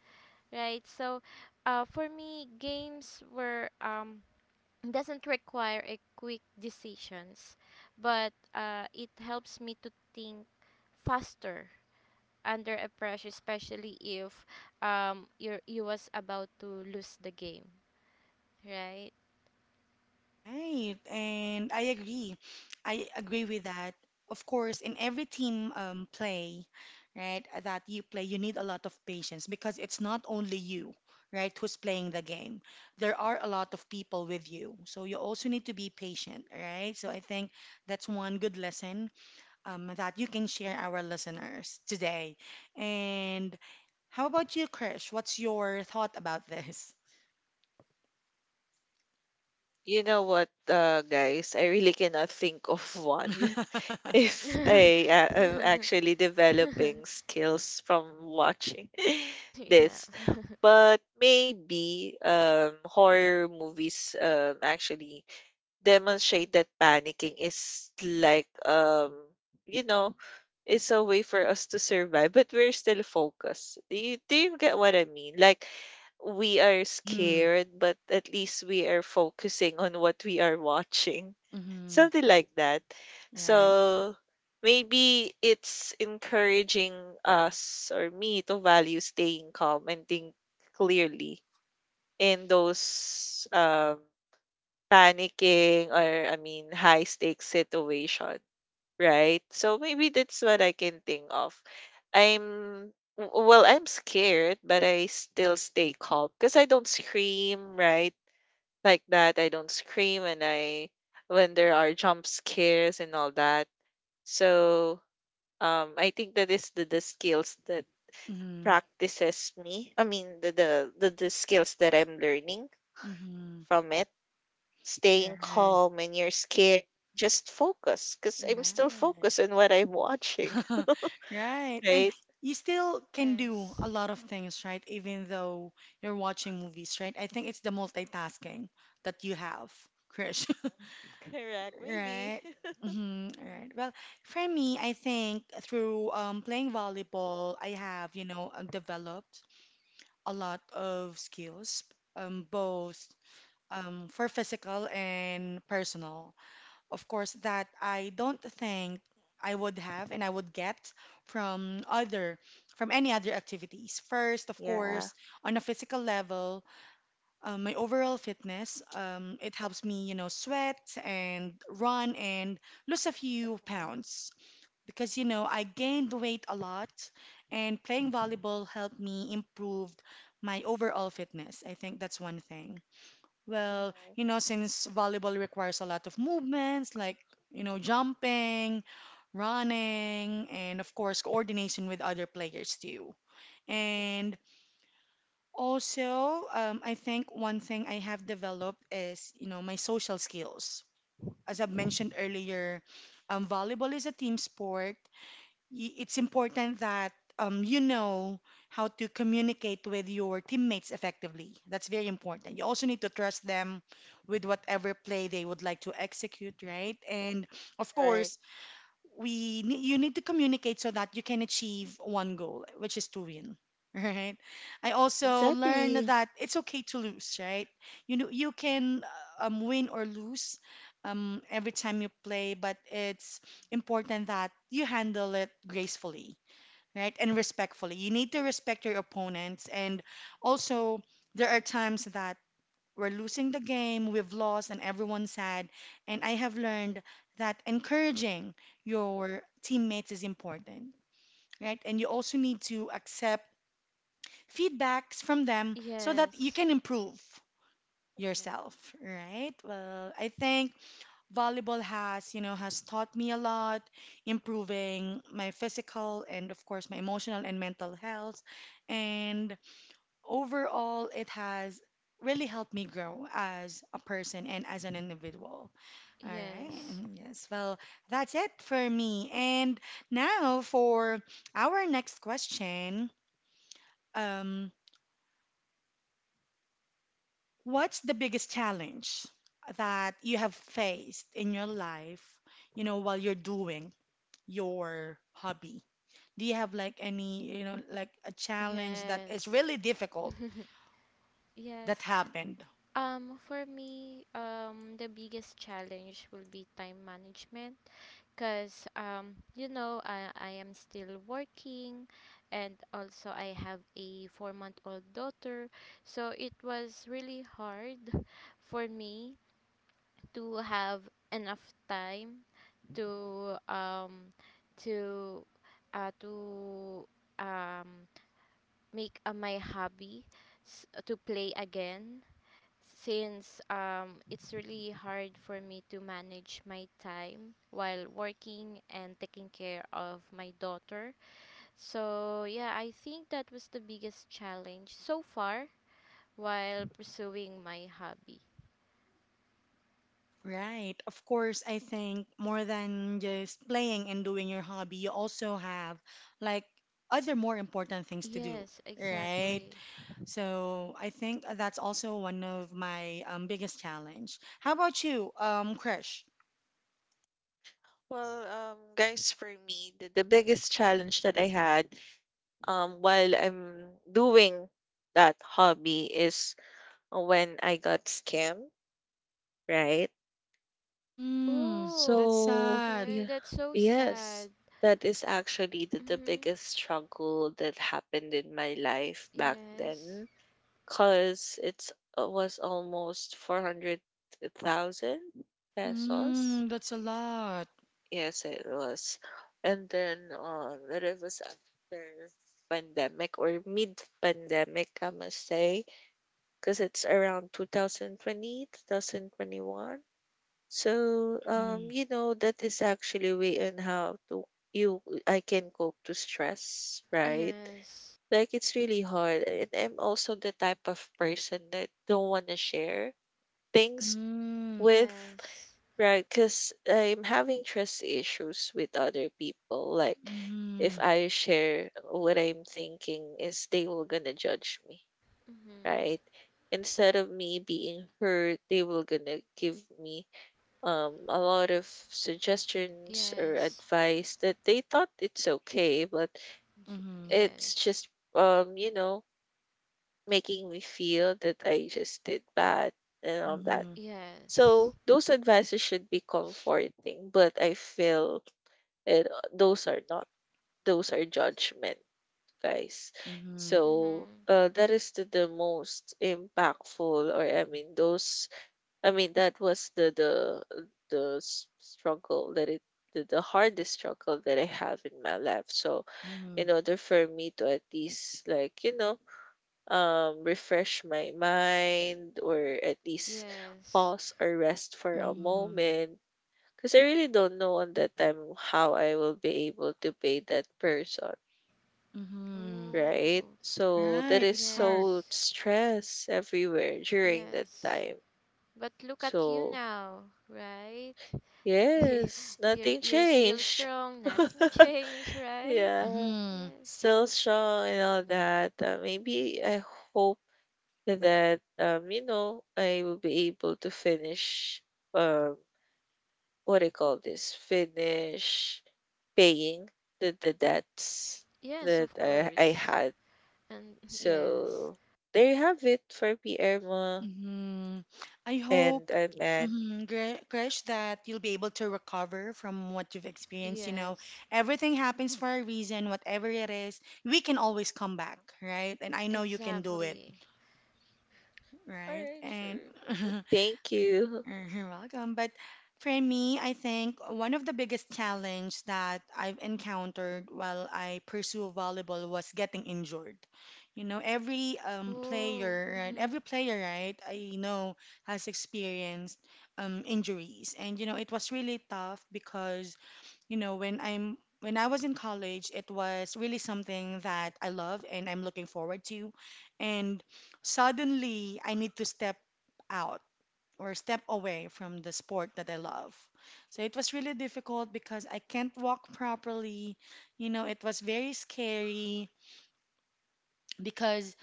S2: right? So, for me, games were doesn't require a quick decisions, but it helps me to think faster under a pressure, especially if you was about to lose the game, right?
S1: Right, and I agree. I agree with that. Of course, in every team play, right, that you play, you need a lot of patience because it's not only you, right, who's playing the game. There are a lot of people with you, so you also need to be patient, right? So I think that's one good lesson that you can share our listeners today. And how about you, Krish? What's your thought about this?
S3: You know what, guys? I really cannot think of one. If
S2: Yeah.
S3: I am actually developing skills from watching this, but maybe horror movies actually demonstrate that panicking is like you know it's a way for us to survive, but we're still focused. Do you get what I mean? Like we are
S1: Mm-hmm.
S3: scared, but at least we are focusing on what we are watching.
S1: Mm-hmm.
S3: Something like that.
S1: Right.
S3: So maybe it's encouraging us or me to value staying calm and think clearly in those panicking or, I mean, high stakes situation, right? So maybe that's what I can think of. I'm well, I'm scared, but I still stay calm because I don't scream, right? Like that, I don't scream and I, when there are jump scares and all that, so I think that is the skills that
S1: Mm-hmm.
S3: practices me. I mean, the skills that I'm learning
S1: Mm-hmm.
S3: from it. Staying
S1: Right.
S3: calm when you're scared, just focus, because I'm still
S1: Right.
S3: focused on what I'm watching,
S1: Right. And
S3: right?
S1: you still can do
S2: Yes.
S1: a lot of things, right? Even though you're watching movies, right? I think it's the multitasking that you have, Krish.
S3: Correct. Maybe.
S1: Right. Mm-hmm. Right. Well, for me, I think through playing volleyball, I have, you know, developed a lot of skills, both for physical and personal. Of course, that I don't think I would have and I would get from other from any other activities. First, of
S3: Yeah.
S1: course, on a physical level, my overall fitness, it helps me, you know, sweat and run and lose a few
S3: Mhm,
S1: pounds because, you know, I gained weight a lot and playing volleyball helped me improve my overall fitness. I think that's one thing. Well,
S3: mhm,
S1: you know, since volleyball requires a lot of movements like, you know, jumping, running, and of course, coordination with other players too.
S3: mhm.
S1: And also, I think one thing I have developed is, you know, my social skills. As I've mentioned earlier, volleyball is a team sport, it's important that you know how to communicate with your teammates effectively. That's very important. You also need to trust them with whatever play they would like to execute, right? And of
S3: Right.
S1: course, you need to communicate so that you can achieve one goal, which is to win. Right. I also learned
S3: Exactly.
S1: that it's okay to lose. Right. You know you can win or lose every time you play, but it's important that you handle it gracefully. Right. And respectfully. You need to respect your opponents, and also there are times that we're losing the game, we've lost, and everyone's sad. And I have learned that encouraging your teammates is important, right? And you also need to accept feedbacks from them so that you
S2: Yes.
S1: can improve yourself, right? Well, I think volleyball has, you know, has taught me a lot, improving my physical and, of course, my emotional and mental health. And overall, it has really helped me grow as a person and as an individual. All right.
S2: Yes.
S1: Yes. Well, that's it for me. And now for our next question, um, what's the biggest challenge that you have faced in your life, you know, while you're doing your hobby? Do you have like any, you know, like a challenge that is
S2: Yes.
S1: really difficult that
S2: Yes.
S1: happened?
S2: For me, the biggest challenge will be time management, because, I am still working and also I have a 4-month old daughter. So it was really hard for me to have enough time to, um, to, uh, to, um, make my hobby to play again, since it's really hard for me to manage my time while working and taking care of my daughter. So, yeah, I think that was the biggest challenge so far while pursuing my hobby.
S1: Right. Of course, I think more than just playing and doing your hobby, you also have like other more important things to do,
S2: Yes,
S1: right?
S2: exactly.
S1: So I think that's also one of my biggest challenge. How about you, Krish?
S3: Well, guys, for me, the biggest challenge that I had while I'm doing that hobby is when I got scammed, right?
S1: Mm, that's
S2: Oh,
S3: So
S1: sad.
S2: okay.
S3: yeah,
S2: That's so
S3: yes,
S2: sad.
S3: that is actually the
S2: Mm-hmm.
S3: biggest struggle that happened in my life back
S2: Yes.
S3: then, cause it's was almost 400,000 pesos.
S1: Mm, that's a lot.
S3: Yes, it was, and then that it was after pandemic or mid pandemic, I must say, because it's around 2020, 2021. So,
S1: Mm,
S3: you know, that is actually a way on how to you I can cope to stress, right?
S2: Yes.
S3: Like it's really hard. And I'm also the type of person that don't want to share things
S1: mm,
S3: with,
S2: Yes.
S3: right? Because I'm having trust issues with other people. Like if
S1: mm,
S3: I share what I'm thinking is they will gonna judge me,
S2: Mm-hmm.
S3: right? Instead of me being hurt, they will gonna give me a lot of suggestions or
S2: Yes.
S3: advice that they thought it's okay, but
S1: mm,
S3: it's
S2: Yes.
S3: just you know, making me feel that I just did bad and all that.
S1: mm,
S2: Yes.
S3: So those advices should be comforting, but I feel it, those are not. Those are judgment, guys.
S1: mm,
S3: So
S2: Mm-hmm.
S3: that is the most impactful, or I mean, those I mean, that was the struggle that it the hardest struggle that I have in my life. So,
S1: mm, mm,
S3: in order for me to at least like you know refresh my mind or at least
S2: Yes.
S3: pause or rest for a
S1: mm,
S3: moment, because I really don't know on that time how I will be able to pay that person.
S1: mm.
S3: Right,
S2: Ooh.
S3: so there
S1: Right,
S3: is
S1: it's hard.
S3: so
S2: Yes.
S3: stress everywhere during that
S2: Yes.
S3: time.
S2: But look at you
S3: So
S2: now, right?
S3: yes,
S2: you're
S3: nothing
S2: you're still
S3: changed.
S2: strong. Nothing changed, right?
S3: Yeah,
S1: Mm-hmm.
S2: Yes.
S3: still strong and all that. Maybe I hope that you know, I will be able to finish um what do you call this? Finish paying the debts
S2: Yes,
S3: that
S2: of
S3: I
S2: course.
S3: had.
S2: And yes.
S3: So there you have it for me, Irma
S1: Mm-hmm. I hope,
S3: and man.
S1: mm-hmm, Krish, that you'll be able to recover from what you've experienced. You know,
S2: Yes.
S1: everything happens for a reason, whatever it is, we can always come back, right? And I know you can do it,
S2: Exactly.
S3: All
S1: right?
S3: right,
S1: And
S3: sure. Thank you.
S1: Mhm. Welcome. But for me, I think one of the biggest challenge that I've encountered while I pursue volleyball was getting injured. You know, every
S2: Ooh.
S1: player, right?
S2: Mm-hmm.
S1: Every player, right? I know has experienced injuries, and you know, it was really tough because you know when I was in college, it was really something that I love and I'm looking forward to, and suddenly I need to step out or step away from the sport that I love. So it was really difficult because I can't walk properly. You know, it was very scary because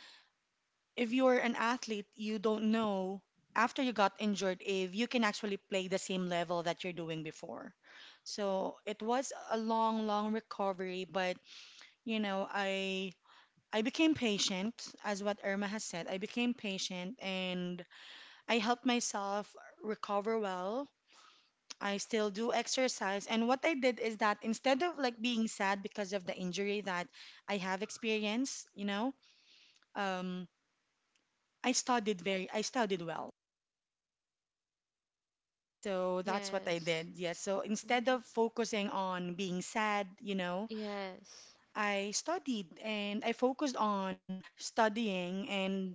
S1: if you're an athlete, you don't know after you got injured if you can actually play the same level that you're doing before. So it was a long, long recovery, but you know, I became patient, as what Irma has said. I became patient and I helped myself recover well. I still do exercise. And what I did is that instead of like being sad because of the injury that I have experienced, you know, um, I studied well. So that's what I
S2: Yes.
S1: did. Yes. So instead
S2: Mm-hmm.
S1: of focusing on being sad, you know,
S2: Yes.
S1: I studied and I focused on studying and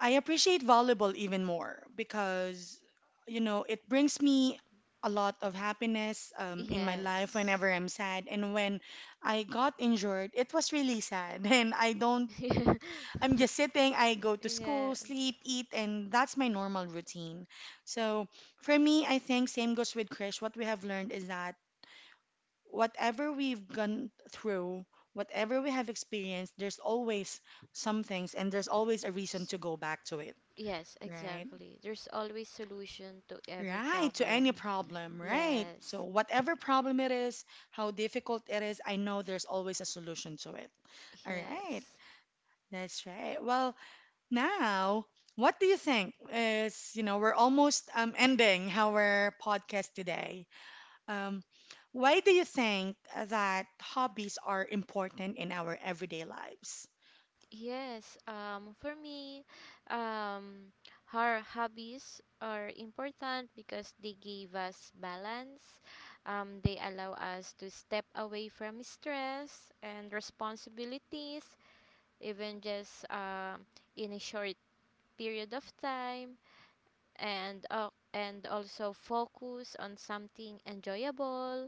S1: I appreciate volleyball even more because, you know, it brings me a lot of happiness in my life whenever
S2: Yes.
S1: I'm sad. And when I got injured, it was really sad. And I don't, I'm just sitting, I go to school,
S2: Yes.
S1: sleep, eat, and that's my normal routine. So for me, I think same goes with Krish. What we have learned is that whatever we've gone through, whatever we have experienced, there's always some things and there's always a reason
S2: Yes.
S1: to go back to it,
S2: Yes,
S1: right?
S2: exactly. There's always solution to every
S1: Right, to any
S2: problem.
S1: problem, right? So,
S2: Yes.
S1: whatever problem it is, how difficult it is, I know there's always a solution to it. All right,
S2: Yes.
S1: that's right. Well, now, what do you think is, you know, we're almost ending our podcast today. Um, why do you think that hobbies are important in our everyday lives?
S2: Yes. For me, um our hobbies are important because they give us balance. They allow us to step away from stress and responsibilities, even just in a short period of time, and also focus on something enjoyable.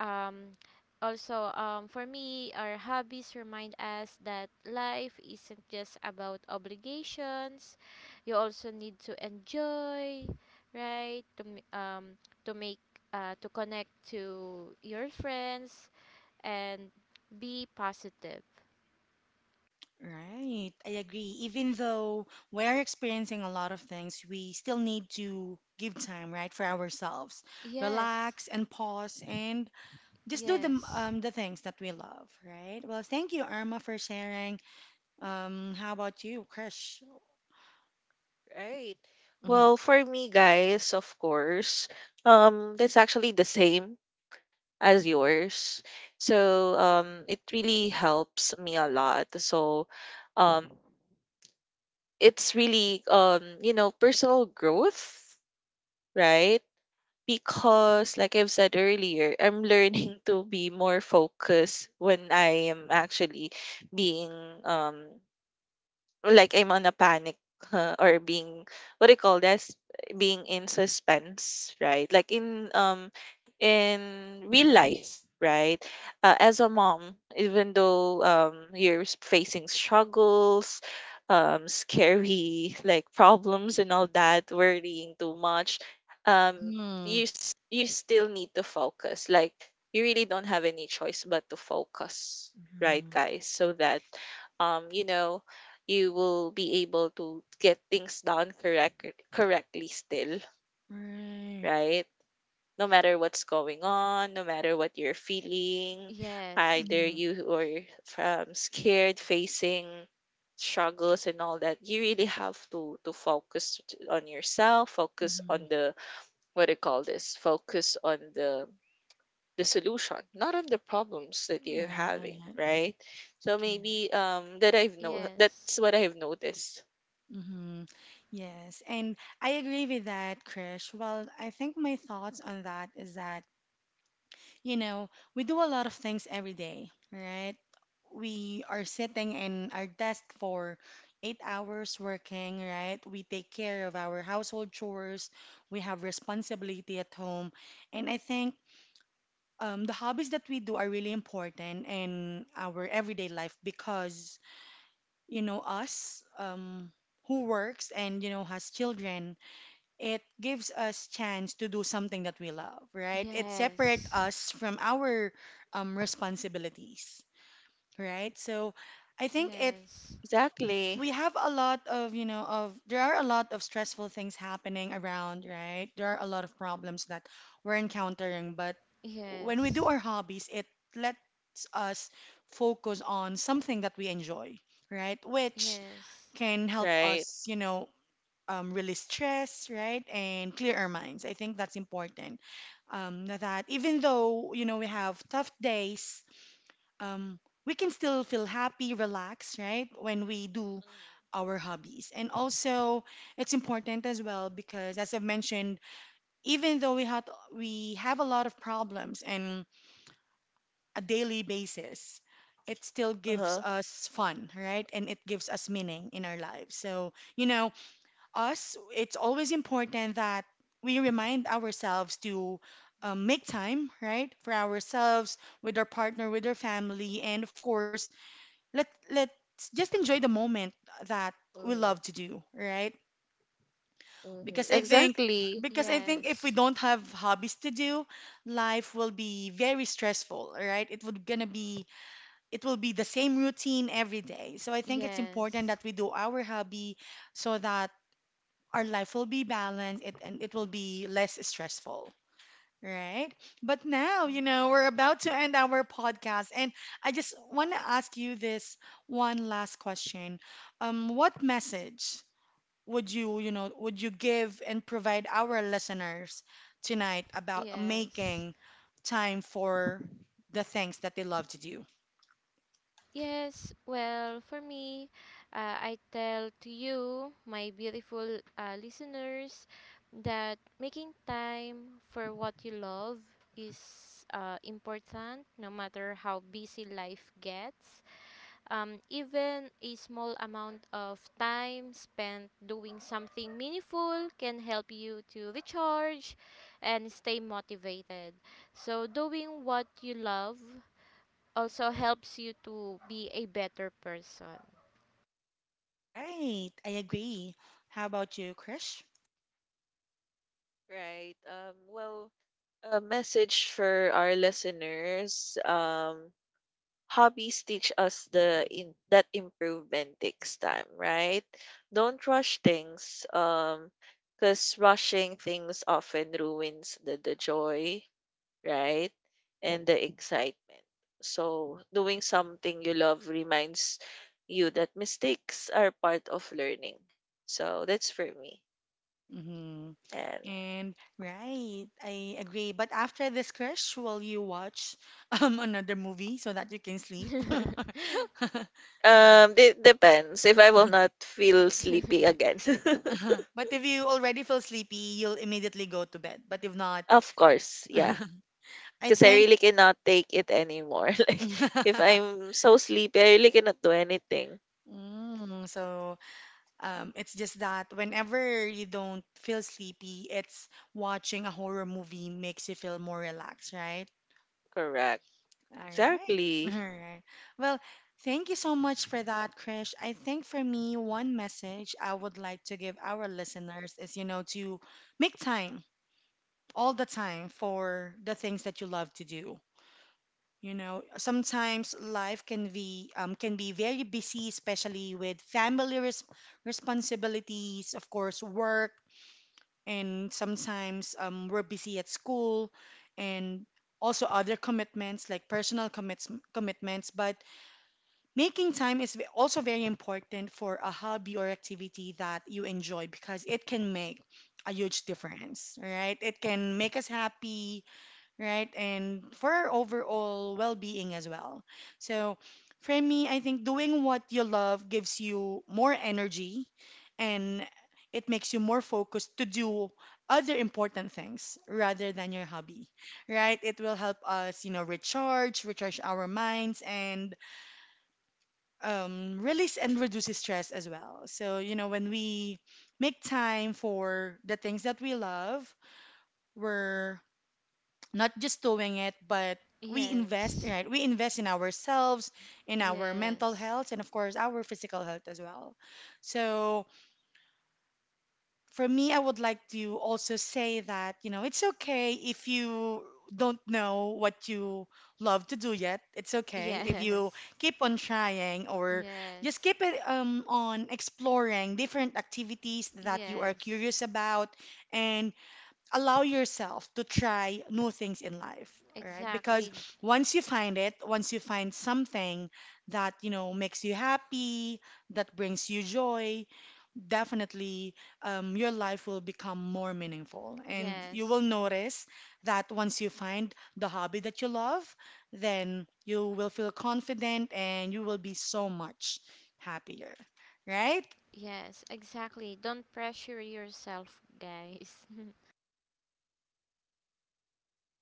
S2: Um, also, for me, our hobbies remind us that life isn't just about obligations. You also need to enjoy, right? To make to connect to your friends and be positive.
S1: Right, I agree. Even though we're experiencing a lot of things, we still need to give time, right, for ourselves.
S2: Yes,
S1: Relax and pause and just do
S2: yes,
S1: the things that we love, right? Well, thank you, Irma, for sharing. How about you, Krish?
S3: Right.
S1: Mm-hmm.
S3: Well, for me, guys, of course, that's actually the same as yours. So, it really helps me a lot. So, um, it's really, you know, personal growth, right? Because, like I've said earlier, I'm learning to be more focused when I am actually being, um, like I'm on a panic, huh, or being what do you call this, being in suspense, right, like in real life, right, as a mom, even though you're facing struggles, scary like problems and all that, worrying too much, um
S1: Mm-hmm.
S3: you you still need to focus, like you really don't have any choice but to focus, right,
S1: Hmm.
S3: guys? So that you know you will be able to get things done correct correctly still,
S1: Right.
S3: right? No matter what's going on, no matter what you're feeling,
S2: yes,
S3: either
S1: Mm-hmm.
S3: you are scared, facing struggles and all that, you really have to focus on yourself, focus
S1: Mm-hmm.
S3: on the what do you call this? Focus on the solution, not on the problems that you're having,
S1: Right.
S3: right? So
S1: Correct.
S3: maybe that I've no that's
S2: yes,
S3: what I've noticed.
S1: Mm-hmm. Yes, and I agree with that, Krish. Well, I think my thoughts on that is that you know, we do a lot of things every day, right? We are sitting in our desk for 8 hours working, right? We take care of our household chores, we have responsibility at home. And I think the hobbies that we do are really important in our everyday life because, you know, us who works and, you know, has children, it gives us chance to do something that we love, right? It separates
S2: yes,
S1: us from our responsibilities, right? So I think it,
S2: yes,
S3: Exactly.
S1: we have a lot of, you know, of there are a lot of stressful things happening around, right? There are a lot of problems that we're encountering, but when we do
S2: yes,
S1: our hobbies it lets us focus on something that we enjoy, right, which
S2: yes,
S1: can help
S3: Right.
S1: us, you know, release stress, right, and clear our minds. I think that's important. That
S3: Mm-hmm.
S1: even though you know we have tough days, um, we can still feel happy, relaxed, right, when we do our hobbies. And also, it's important as well because, as I've mentioned, even though we have a lot of problems and a daily basis. It still gives
S3: Uh-huh.
S1: us fun, right? And it gives us meaning in our lives. So, you know, us, it's always important that we remind ourselves to make time, right, for ourselves, with our partner, with our family, and of course, let's just enjoy the moment that we love
S3: Mm-hmm.
S1: to do, right?
S3: Mm-hmm.
S1: Because I think
S3: Exactly.
S1: because I think if we
S2: yes.
S1: don't have hobbies to do, life will be very stressful, right? It will be the same routine every day. So I think it's important
S2: Yes.
S1: that we do our hobby so that our life will be balanced it, and it will be less stressful, right? But now you
S2: Yeah.
S1: know we're about to end our podcast and I just want to ask you this one last question. What message would you, you know, would you give and provide our listeners tonight about
S2: Yes.
S1: making time for the things that they love to do?
S2: Yes. Well, for me, I tell to you, my beautiful listeners, that making time for what you love is important, no matter how busy life gets. Even a small amount of time spent doing something meaningful can help you to recharge and stay motivated. So, doing what you love also helps you to be a better person.
S1: Right, I agree. How about you, Krish?
S3: Right. Well, a message for our listeners. Hobbies teach us the in that improvement takes time, right? Don't rush things. Because rushing things often ruins the joy, right? And the excitement. So, doing something you love reminds you that mistakes are part of learning. So, that's for me.
S1: Mm-hmm.
S3: And
S1: And right, I agree. But after this crush, will you watch another movie so that you can sleep?
S3: it depends if I will not feel sleepy again.
S1: But if you already feel sleepy, you'll immediately go to bed. But if not,
S3: Of course, yeah.
S1: I
S3: Because I
S1: think
S3: really cannot take it anymore. Like if I'm so sleepy, I really cannot do anything.
S1: Mm, so it's just that whenever you don't feel sleepy, it's watching a horror movie makes you feel more relaxed, right?
S3: Correct.
S1: All right. All
S3: Exactly.
S1: right. Well, thank you so much for that, Krish. I think for me, one message I would like to give our listeners is, you know, to make time all the time for the things that you love to do. You know, sometimes life can be very busy, especially with family responsibilities, of course, work, and sometimes we're busy at school and also other commitments like personal commits commitments. But making time is also very important for a hobby or activity that you enjoy because it can make a huge difference, right? It can make us happy, right? And for our overall well being as well. So, for me, I think doing what you love gives you more energy and it makes you more focused to do other important things rather than your hobby, right? It will help us, you know, recharge our minds, and release and reduces stress as well. So, you know, when we make time for the things that we love, we're not just doing it, but we invest,
S2: Yes,
S1: right? We invest in ourselves, in our mental
S2: yes,
S1: health, and of course, our physical health as well. So, for me, I would like to also say that, you know, it's okay if you don't know what you love to do yet. It's okay if you
S2: yes,
S1: keep on trying or
S2: yes,
S1: just keep it on exploring different activities that you are
S2: yes,
S1: curious about. And allow yourself to try new things in life, all right? Because
S2: exactly.
S1: once you find it, once you find something that, you know, makes you happy, that brings you joy, definitely your life will become more meaningful. And you will
S2: Yes.
S1: notice that once you find the hobby that you love, then you will feel confident and you will be so much happier, right?
S2: Yes, exactly. Don't pressure yourself, guys.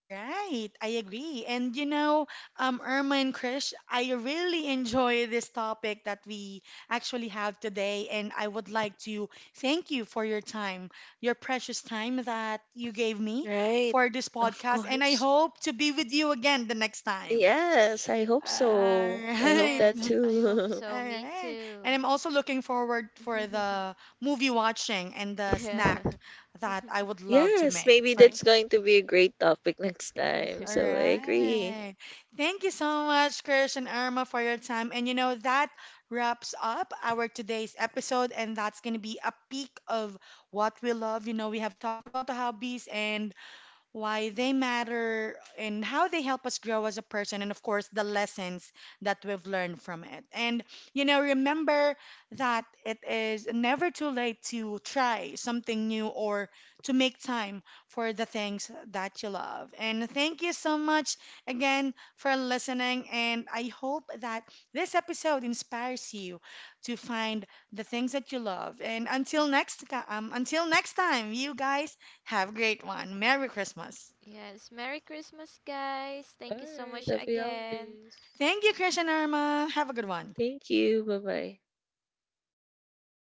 S1: Right, I agree. And you know, Irma and Krish, I really enjoy this topic that we actually have today, and I would like to thank you for your time, your precious time that you gave me
S3: Right.
S1: for this
S3: Of
S1: podcast, and I
S3: course.
S1: hope to be with you again the next time.
S3: Yes, I hope
S1: All
S3: so. I hope
S1: right,
S3: that
S1: all
S2: Yes, I hope
S3: too.
S2: so. Me
S1: right. And
S2: too.
S1: I'm also looking forward for the movie watching and the snack that I would love to
S3: Yes,
S1: make
S3: maybe
S1: for
S3: that's going to be a great topic next time.
S1: All
S3: So I agree.
S1: right. Thank you so much, Krish and Irma, for your time. And you know, that wraps up our today's episode. And that's going to be a peek of what we love. You know, we have talked about the hobbies and why they matter, and how they help us grow as a person, and of course, the lessons that we've learned from it. And, you know, remember that it is never too late to try something new or to make time for the things that you love. And thank you so much again for listening. And I hope that this episode inspires you to find the things that you love. And until next, until next time, you guys have a great one. Merry Christmas.
S2: Yes, Merry Christmas, guys.
S3: All
S2: Thank you so
S3: right,
S2: much
S3: happy
S2: again.
S3: holidays.
S1: Thank you, Krish and Irma. Have a good one.
S3: Thank you. Bye bye.